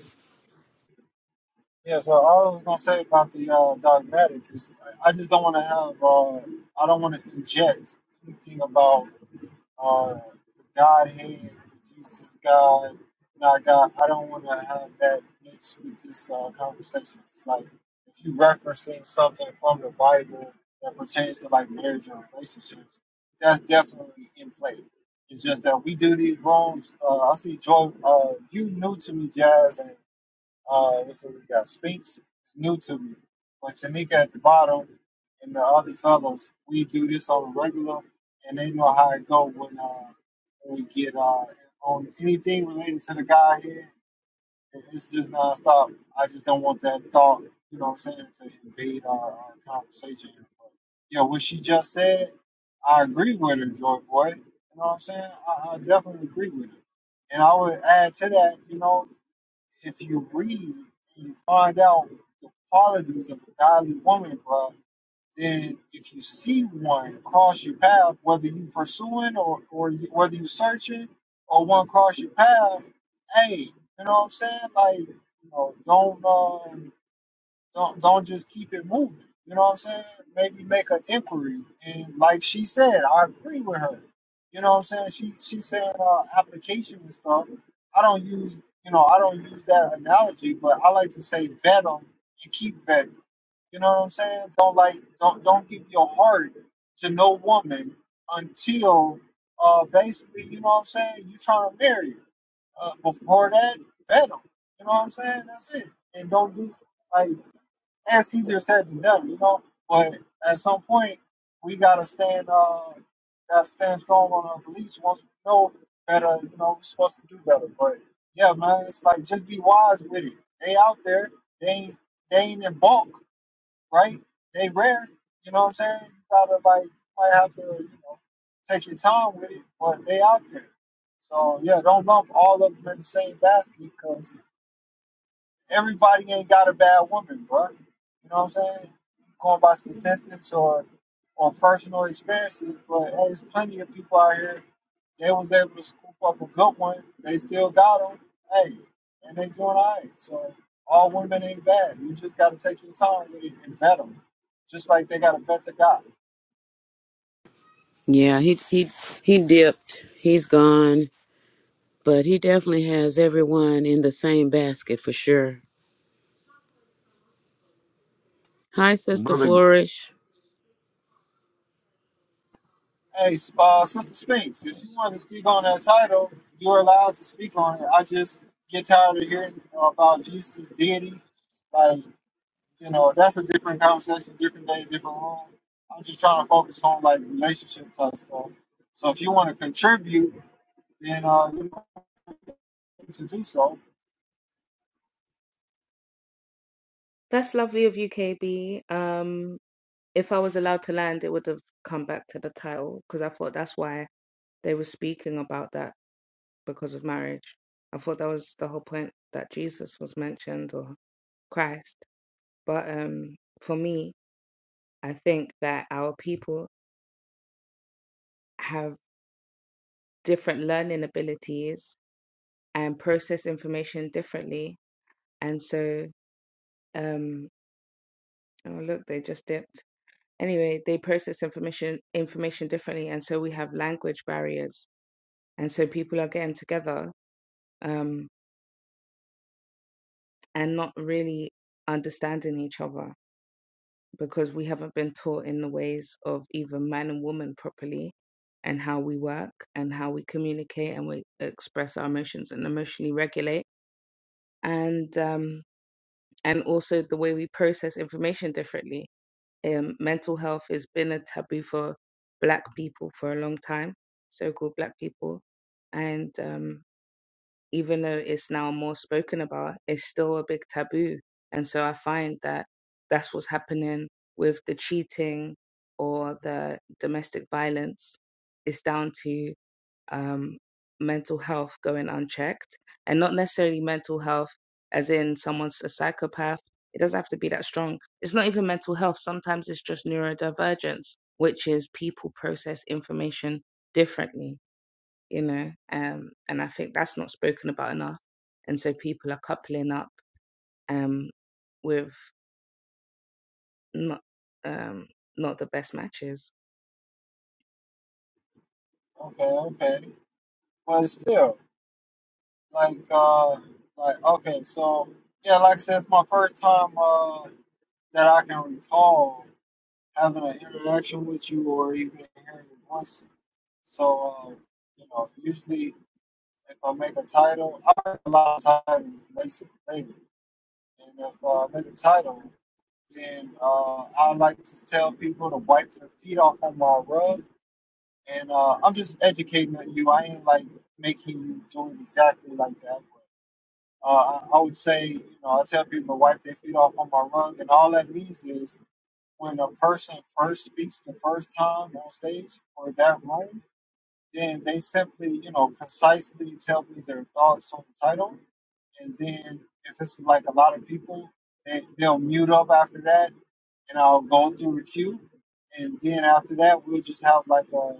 Yeah, so all I was gonna say about the uh, dogmatic is I I just don't want to have. Uh, I don't want to inject anything about uh, the Godhead, Jesus God, not God. I don't want to have that mixed with this uh, conversation. It's like if you referencing something from the Bible that pertains to like marriage or relationships, that's definitely in play. It's just that we do these rooms. Uh, I see Joy. Uh, you new to me, Jazz, and uh, what's the- we got Spinks. It's new to me, but Tanika at the bottom and the other fellows, we do this on a regular, and they know how it go when uh when we get uh on anything related to the guy here. it- It's just nonstop. I just don't want that thought, you know what I'm saying, to invade our, our conversation. here. But, yeah, what she just said, I agree with her, Joy Boy. You know what I'm saying? I, I definitely agree with her. And I would add to that, you know. If you read and you find out the qualities of a godly woman, bro, then if you see one cross your path, whether you pursuing or, or whether you searching or one cross your path, hey, you know what I'm saying? Like, you know, don't. uh, don't don't just keep it moving. You know what I'm saying? Maybe make an inquiry. And like she said, I agree with her. You know what I'm saying? She she said uh, application and stuff. I don't use you know I don't use that analogy, but I like to say vet them and keep vetting. You know what I'm saying? Don't like don't don't give your heart to no woman until uh basically you know what I'm saying you trying to marry her. Uh, before that, vet them. You know what I'm saying? That's it. And don't do like that's easier said than done, you know. But at some point, we gotta stand, uh, gotta stand strong on our beliefs. Once we know better, you know, we're supposed to do better. But yeah, man, it's like just be wise with it. They out there, they ain't, they ain't in bulk, right? They rare, you know what I'm saying? You gotta like, might have to, you know, take your time with it. But they out there, so yeah, don't lump all of them in the same basket because Everybody ain't got a bad woman, bro. You know what I'm saying? Going by statistics or or personal experiences, but hey, there's plenty of people out here. They was able to scoop up a good one. They still got them. Hey, and they doing all right. So all women ain't bad. You just got to take your time with it and vet 'em, just like they got to vet the guy. Yeah, he he he dipped. He's gone, but he definitely has everyone in the same basket for sure. Hi, Sister Flourish. Hey, uh, Sister Sphinx, if you want to speak on that title, you're allowed to speak on it. I just get tired of hearing about Jesus' deity. like. You know, that's a different conversation, different day, different room. I'm just trying to focus on like relationship type stuff. So if you want to contribute, then uh, you're free to do so. that's lovely of you KB um if I was allowed to land it would have come back to the title because I thought that's why they were speaking about that because of marriage. I thought that was the whole point that Jesus was mentioned or Christ. But um, for me, I think that our people have different learning abilities and process information differently. And so, um, oh look, they just dipped. Anyway, they process information information differently, and so we have language barriers. And so people are getting together um, and not really understanding each other because we haven't been taught in the ways of even man and woman properly and how we work and how we communicate and we express our emotions and emotionally regulate and um and also the way we process information differently um mental health has been a taboo for black people for a long time so-called black people and um even though it's now more spoken about, it's still a big taboo. And so I find that that's what's happening with the cheating or the domestic violence. It's down to um, mental health going unchecked and not necessarily mental health as in someone's a psychopath. It doesn't have to be that strong. It's not even mental health. Sometimes it's just neurodivergence, which is people process information differently you know, um, and I think that's not spoken about enough. And so people are coupling up um, with not um, not the best matches. Okay, okay. But still, like, uh, like, okay, so yeah, like I said, it's my first time uh, that I can recall having an interaction with you or even hearing your voice. So, uh, you know, usually if I make a title, I make a lot of titles basically And if uh, I'm in the title, then uh, I like to tell people to wipe their feet off on my rug. And uh, I'm just educating you. I ain't like making you do it exactly like that. uh, I I would say, you know, I tell people to wipe their feet off on my rug. And all that means is when a person first speaks the first time on stage or that room, then they simply, you know, concisely tell me their thoughts on the title and then if it's like a lot of people, they, they'll mute up after that, and I'll go through the queue, and then after that, we'll just have like a.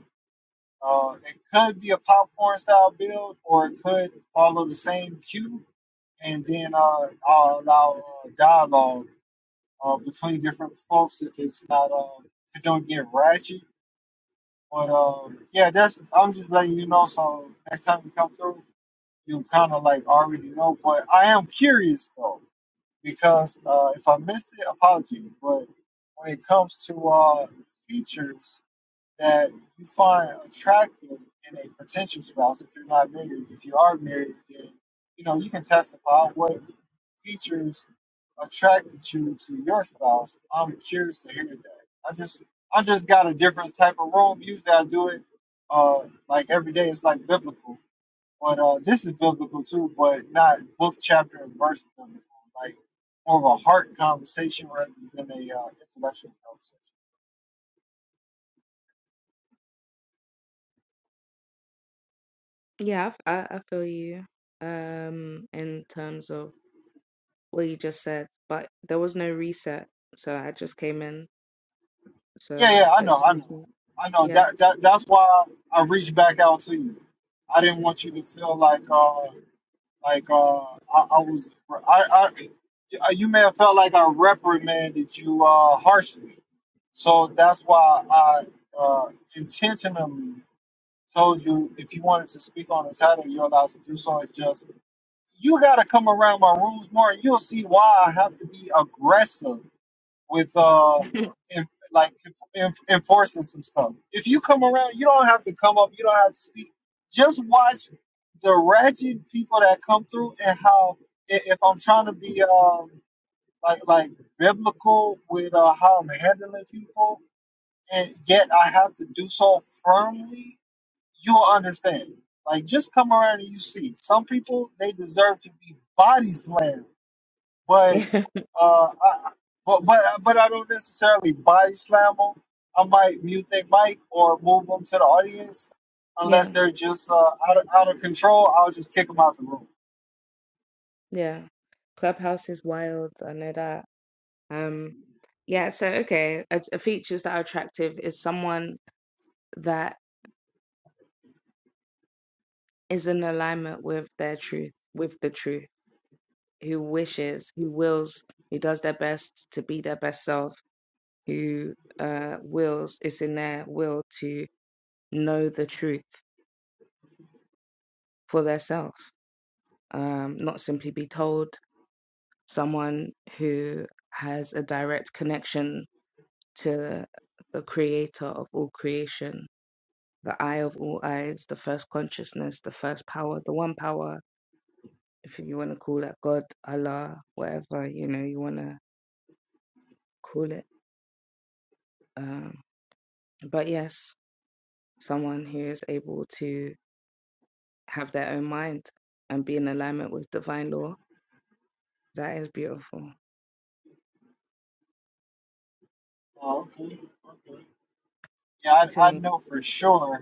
Uh, it could be a popcorn style build, or it could follow the same queue, and then uh, I'll allow uh, dialogue uh, between different folks if it's not uh, if it don't get ratchet. But um, yeah, that's I'm just letting you know. So next time you come through, you kind of like already know. But I am curious though because uh, if I missed it, apologies. But when it comes to uh, features that you find attractive in a potential spouse, if you're not married, if you are married, then you know you can testify what features attracted you to your spouse. I'm curious to hear that. I just I just got a different type of room. Usually I do it uh, like every day. It's like biblical. But uh, this is biblical too, but not book, chapter, and verse biblical. Like more of a heart conversation rather than a uh, intellectual conversation. Yeah, I, I, I feel you um, in terms of what you just said, but there was no reset, so I just came in. Yeah, So yeah, I know, it's I know, I know. yeah, That, that that's why I reached back out to you. I didn't want you to feel like uh like uh I, I was I I uh, you may have felt like I reprimanded you uh harshly. So that's why I uh, intentionally told you if you wanted to speak on the title, you're allowed to do so. It's just you got to come around my rules more, and you'll see why I have to be aggressive with uh, [laughs] in, like in, enforcing some stuff. If you come around, you don't have to come up. You don't have to speak. Just watch the ratchet people that come through and how i- if I'm trying to be um, like like biblical with uh, how I'm handling people, and yet I have to do so firmly you'll understand. Like, just come around and you see. Some people they deserve to be body slammed, but yeah, uh, I, but but but I don't necessarily body slam them. I might mute their mic or move them to the audience, unless yeah, they're just uh, out of, out of control. I'll just kick them out the room. yeah. Clubhouse is wild. I know that. Um, yeah. So okay, a, a features that are attractive is someone that is in alignment with their truth, with the truth, who wishes, who wills, who does their best to be their best self, who uh, wills, it's in their will to know the truth for theirself, um, not simply be told. Someone who has a direct connection to the creator of all creation, the eye of all eyes, the first consciousness, the first power, the one power, if you want to call it God, Allah, whatever you know you want to call it. Um, but yes, someone who is able to have their own mind and be in alignment with divine law, that is beautiful Oh, okay, okay. Yeah, to I, I me. know for sure.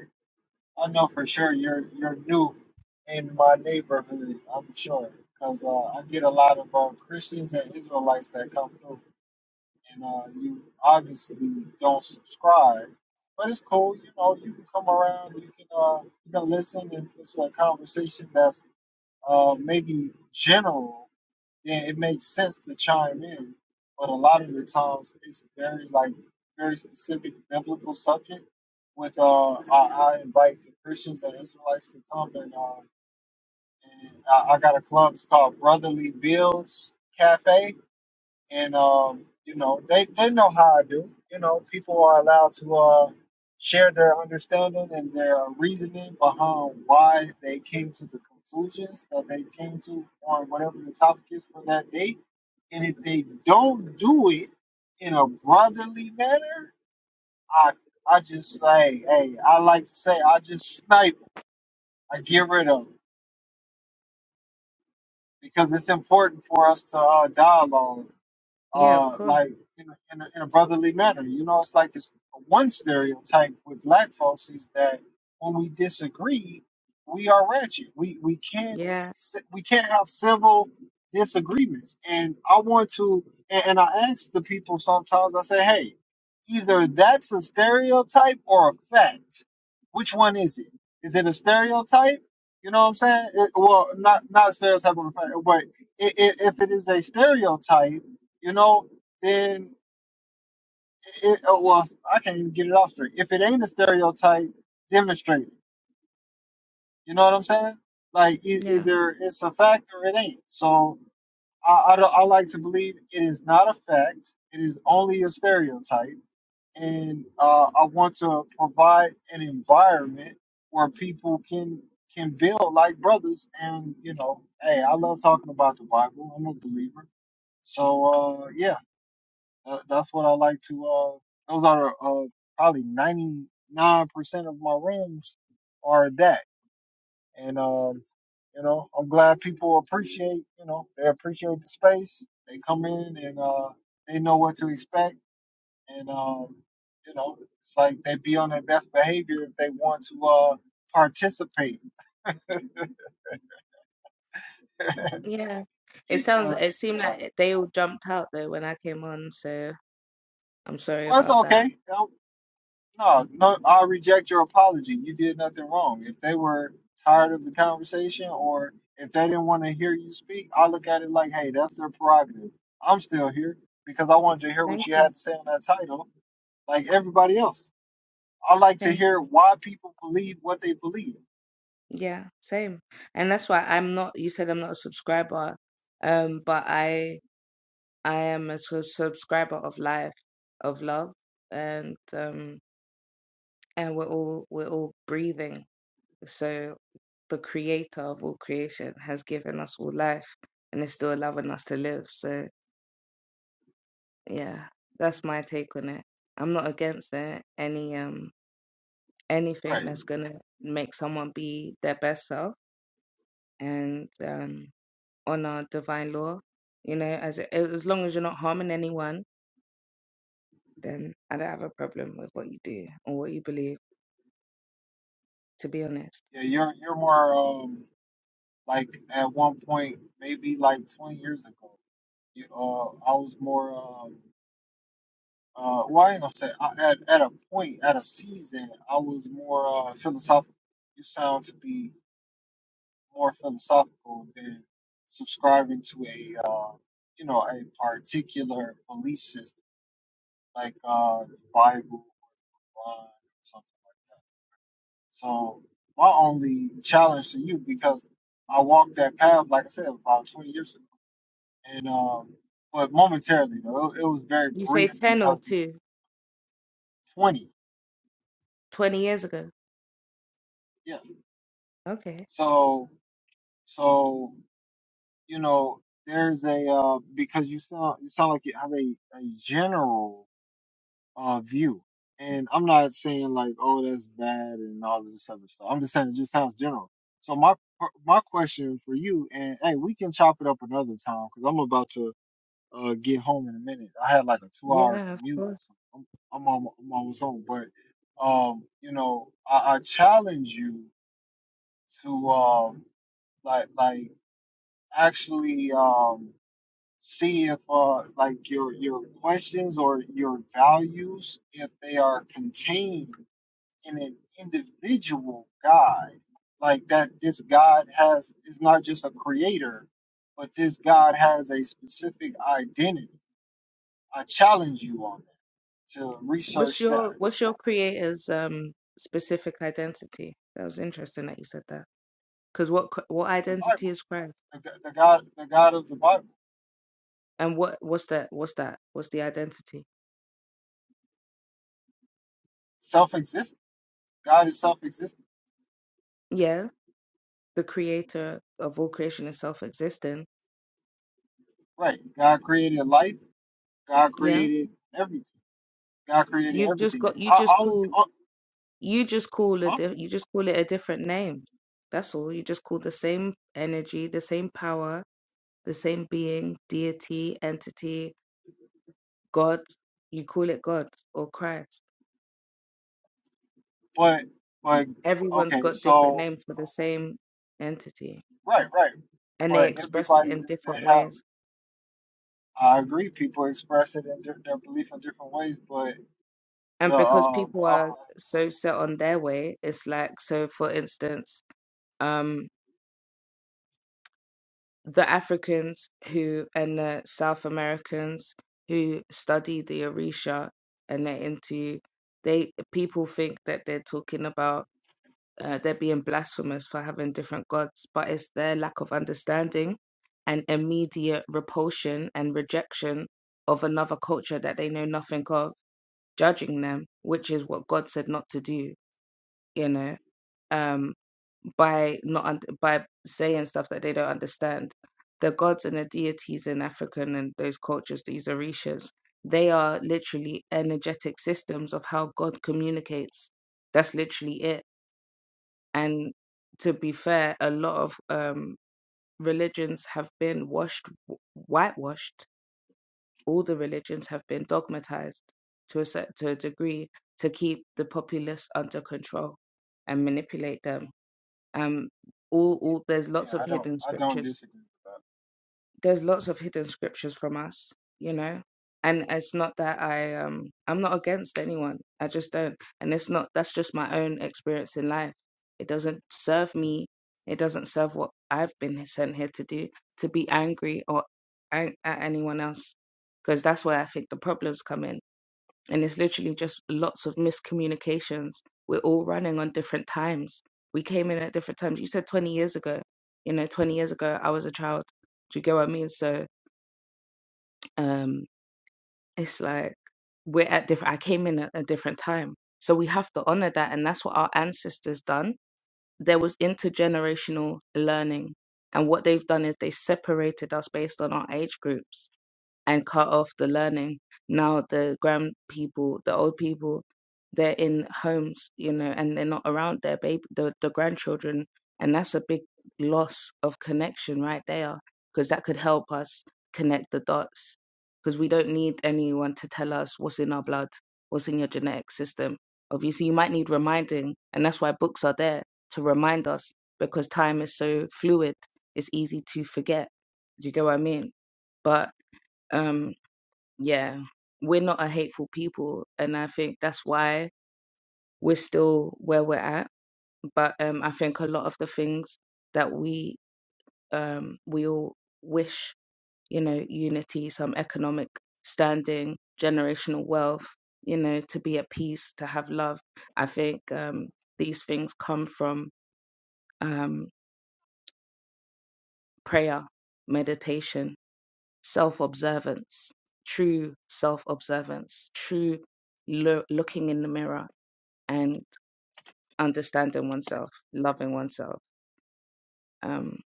I know for sure you're you're new in my neighborhood. I'm sure because uh, I get a lot of uh, Christians and Israelites that come through, and uh, you obviously don't subscribe, but it's cool. You know, you can come around, you can uh, you can listen, and it's a conversation that's uh, maybe general yeah, it makes sense to chime in, but a lot of the times it's very like very specific biblical subject. With uh, I, I invite the Christians and Israelites to come, and, uh, and I, I got a club. It's called Brotherly Builds Cafe and um, you know they they know how I do. You know, people are allowed to uh, share their understanding and their reasoning behind why they came to the conclusions that they came to on whatever the topic is for that day. And if they don't do it in a brotherly manner, I I just say, hey, I like to say, I just snipe 'em. I get rid of 'em. because it's important for us to uh, dialogue Yeah, of uh, course. like in a, in, a, in a brotherly manner. You know, it's like it's one stereotype with black folks is that when we disagree, we are ratchet. We we can't be Yeah, ci- we can't have civil disagreements. And I want to, and, and I ask the people sometimes. I say, hey, either that's a stereotype or a fact. Which one is it? Is it a stereotype? You know what I'm saying? It- well, Mm. not not stereotype, or a fact, but i- i- if it is a stereotype you know, then it, it was, I can't even get it off straight. If it ain't a stereotype, demonstrate it. You know what I'm saying? Like, e- yeah, either it's a fact or it ain't. So I, I, don't- I like to believe it is not a fact, it is only a stereotype. And uh, I want to provide an environment where people can can build like brothers and you know hey i love talking about the bible i'm a believer so uh yeah Uh, that's what I like to. Uh, those are uh, probably ninety nine percent of my rooms are that, and um, you know, I'm glad people appreciate. You know, they appreciate the space. They come in and uh, they know what to expect, and um, you know, it's like they be on their best behavior if they want to uh, participate. [laughs] yeah. It sounds. because It seemed yeah, like it- they all jumped out though when I came on, so I'm sorry well, it's about that. okay. No, no, I'll reject your apology. You did nothing wrong. If they were tired of the conversation or if they didn't want to hear you speak, I look at it like, hey, that's their prerogative. I'm still here because I wanted to hear Thank what you you. had to say on that title, like everybody else. I like to Thank hear you. why people believe what they believe. Yeah, same. And that's why I'm not. You said I'm not a subscriber, um, but I I am a su- subscriber of life, of love, and um, and we're all we're all breathing. So the creator of all creation has given us all life and is still allowing us to live. So yeah, that's my take on it. I'm not against it. Any um Right. anything that's gonna make someone be their best self and um honor divine law, you know, as as long as you're not harming anyone, then I don't have a problem with what you do or what you believe. to be honest. Yeah, you're you're more um like at one point maybe like 20 years ago. You, uh, I was more. um, Uh, well, I ain't gonna say I, at at a point, at a season, I was more uh, philosophical. You sound to be more philosophical than subscribing to a uh, you know a particular belief system like uh, the Bible or something like that. So my only challenge to you because I walked that path, like I said, about 20 years ago, and um, but momentarily though, it, it was very You say brief 10 or because 2, 20, 20 years ago. yeah. Okay. So. So, you know, there's a uh, because you sound you sound like you have a, a general uh view. And I'm not saying like, oh, that's bad and all of this other stuff. I'm just saying it just sounds general. So my my question for you, and hey, we can chop it up another time because I'm about to uh get home in a minute. I had like a two hour Yeah, of commute, course. so I'm I'm, almo- I'm almost home. But um, you know, I, I challenge you to um like like actually um, see if uh, like your your questions or your values if they are contained in an individual God, like that this God has is not just a creator, but this God has a specific identity. I challenge you on that to What's research that your what's your creator's um specific identity? That was interesting that you said that. Because what cr- what the identity Bible, is Christ? the, the God, the God of the Bible, And what what's that what's that? What's the identity? self-existent. God is self-existent, Yeah, the creator of all creation is self-existing. right? God created life. God Yeah. created everything God created You've just everything. got you I, I just only, call uh, you just call it huh? di- you just call it a different name. That's all. You just call the same energy, the same power, the same being, deity, entity, God. You call it God or Christ. but but Everyone's okay, got different so names for the same entity, right, right. and they But express it everybody in doesn't different have. ways. I agree. People express it in their, their belief in different ways, but the And because um, people how are can I? so set on their way, it's like so. For instance, um, the Africans who and the South Americans who study the Orisha and they're into they people think that they're talking about uh, they're being blasphemous for having different gods, but it's their lack of understanding and immediate repulsion and rejection of another culture that they know nothing of, judging them, which is what God said not to do, you know, um, by not un- by saying stuff that they don't understand. The gods and the deities in African and those cultures, these orishas, they are literally energetic systems of how God communicates. That's literally it and to be fair, a lot of um, religions have been washed, w- whitewashed. All the religions have been dogmatized to a cer- to a degree to keep the populace under control and manipulate them. Um, all, all there's lots Yeah, of I don't, hidden I don't scriptures disagree with that. there's lots of hidden scriptures from us, you know. And it's not that I um I'm not against anyone. I just don't and it's not that's just my own experience in life. It doesn't serve me. It doesn't serve what I've been sent here to do to be angry or an- at anyone else because that's where I think the problems come in and it's literally just lots of miscommunications. We're all running on different times. We came in at different times. You said 20 years ago. You know, 20 years ago, I was a child. Do you get what I mean? So um, it's like we're at different. I came in at a different time, so we have to honor that, and that's what our ancestors done. There was intergenerational learning, and what they've done is they separated us based on our age groups and cut off the learning. Now the grand people, the old people, they're in homes, you know, and they're not around their baby, the, the grandchildren, and that's a big loss of connection right there, because that could help us connect the dots, because we don't need anyone to tell us what's in our blood, what's in your genetic system. Obviously, you might need reminding, and that's why books are there to remind us, because time is so fluid, it's easy to forget. Do you get what I mean? But um yeah we're not a hateful people and i think that's why we're still where we're at but um i think a lot of the things that we um we all wish you know unity some economic standing generational wealth you know to be at peace to have love i think um these things come from um prayer meditation self observance, true self observance, true lo- looking in the mirror and understanding oneself, loving oneself. Um,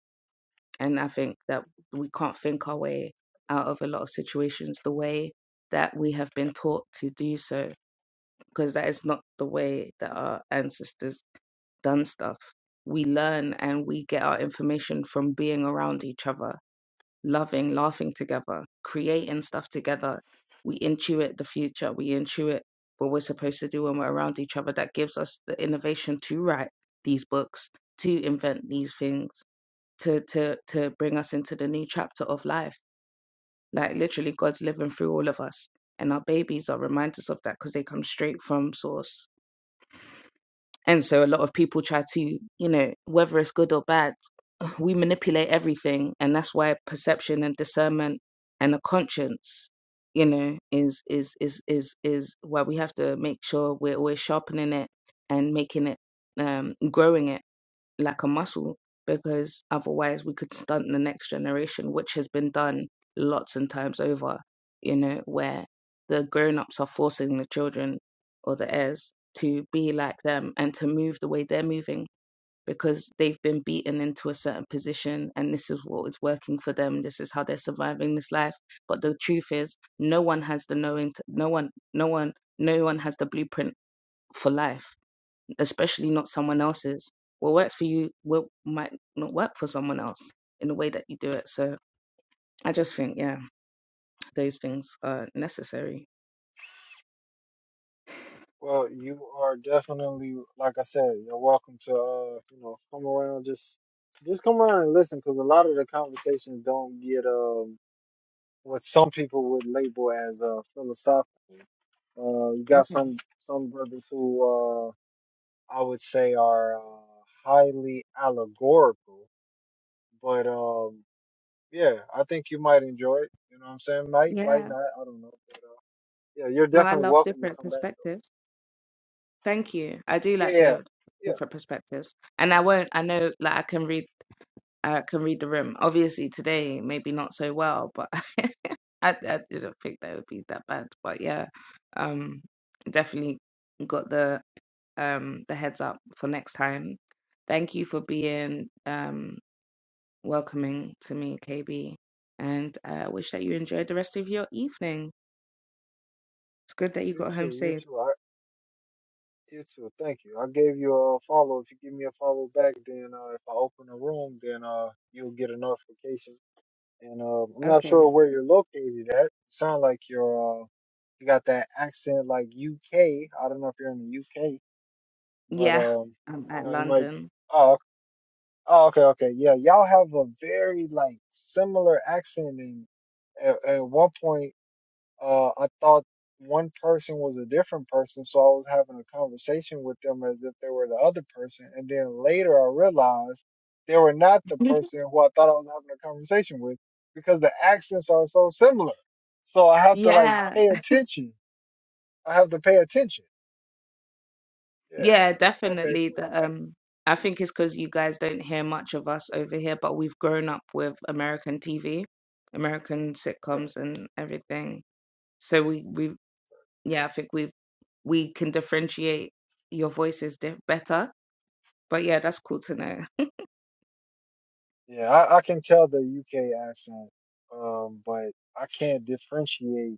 and I think that we can't think our way out of a lot of situations the way that we have been taught to do so, because that is not the way that our ancestors done stuff. We learn and we get our information from being around each other loving, laughing together, creating stuff together. We intuit the future. We intuit what we're supposed to do when we're around each other. That gives us the innovation to write these books, to invent these things, to to to bring us into the new chapter of life. Like literally, God's living through all of us, and our babies are reminders of that because they come straight from source and so a lot of people try to, you know, whether it's good or bad, [sighs] we manipulate everything. And that's why perception and discernment and a conscience, you know, is is is is is why we have to make sure we're always sharpening it and making it um growing it like a muscle because otherwise we could stunt the next generation, which has been done lots and times over, you know, where the grown ups are forcing the children or the heirs to be like them and to move the way they're moving because they've been beaten into a certain position and this is what is working for them this is how they're surviving this life but the truth is no one has the knowing t no one no one no one has the blueprint for life especially not someone else's. What works for you what might not work for someone else in the way that you do it. So I just think, yeah, those things are necessary. Well, you are definitely, like I said, you're welcome to, uh, you know, come around. Just, just come around and listen, because a lot of the conversations don't get, um. what some people would label as uh, philosophical. Uh, you got Okay. some some brothers who uh, I would say are uh, highly allegorical, but um, yeah, I think you might enjoy it. You know what I'm saying? Might, might Yeah. not. I don't know. But, uh, yeah, you're Well, I definitely love welcome to different come back perspectives. Thank you. I do though. like Yeah, to yeah, hear yeah. different perspectives, and I won't. I know, like I can read. I can read the room. Obviously, today maybe not so well, but [laughs] I, I didn't think that would be that bad. But yeah, um, definitely got the um, the heads up for next time. Thank you for being um, welcoming to me, KB, and I wish that you enjoyed the rest of your evening. It's good that you You got home too. You safe. too. I, you too. Thank you. I gave you a follow. If you give me a follow back, then uh, if I open a room, then uh, you'll get a notification and uh, I'm not Okay. sure where you're located at. Sound like you're uh, you got that accent like UK. I don't know if you're in the UK, but Yeah, um, I'm you at know, you might. London. Oh, oh, okay, okay, yeah. Y'all have a very like similar accent, and at, at one point uh, I thought one person was a different person, so I was having a conversation with them as if they were the other person. And then later I realized they were not the [laughs] person who I thought I was having a conversation with because the accents are so similar. So I have to like Yeah, pay attention. I have to pay attention. Yeah. yeah, Okay, definitely. cool. The um, I think it's because you guys don't hear much of us over here, but we've grown up with American TV, American Right. sitcoms, and everything. So we we yeah, I think we we can differentiate your voices di- better. But yeah, that's cool to know. [laughs] Yeah, I, I can tell the UK accent, um, but I can't differentiate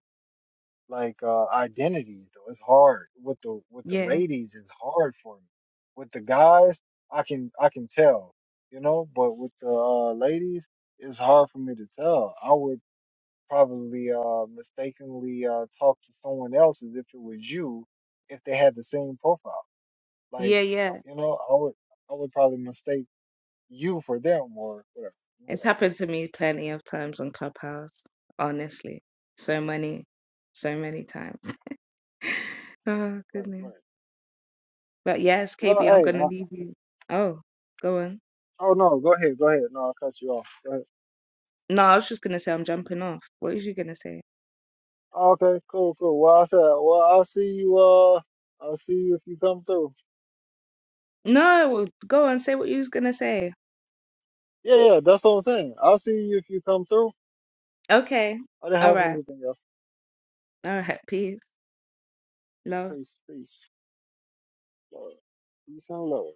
like uh identities though it's hard with the with the Yeah, ladies it's hard for me with the guys i can i can tell you know but with the uh ladies it's hard for me to tell i would probably uh mistakenly uh talk to someone else as if it was you if they had the same profile like yeah, yeah. you know i would i would probably mistake you for them or whatever you It's happened to me plenty of times on Clubhouse. Honestly, so know? many, so many times. [laughs] oh Yeah, right goodness. right But yes, well KB, I'm hey gonna I, leave you. Oh, go on. oh no go ahead go ahead no i'll cut you off Go ahead. No, I was just gonna say I'm jumping off. What was you gonna say? Okay, cool, cool. Well, I said, well, I'll see you. Uh, I'll see you if you come through. No, go on. Say what you was gonna say. Yeah, yeah, that's what I'm saying. I'll see you if you come through. Okay. I didn't All have right. anything else. All right. Peace. Love. Peace, peace, Lord. peace and love.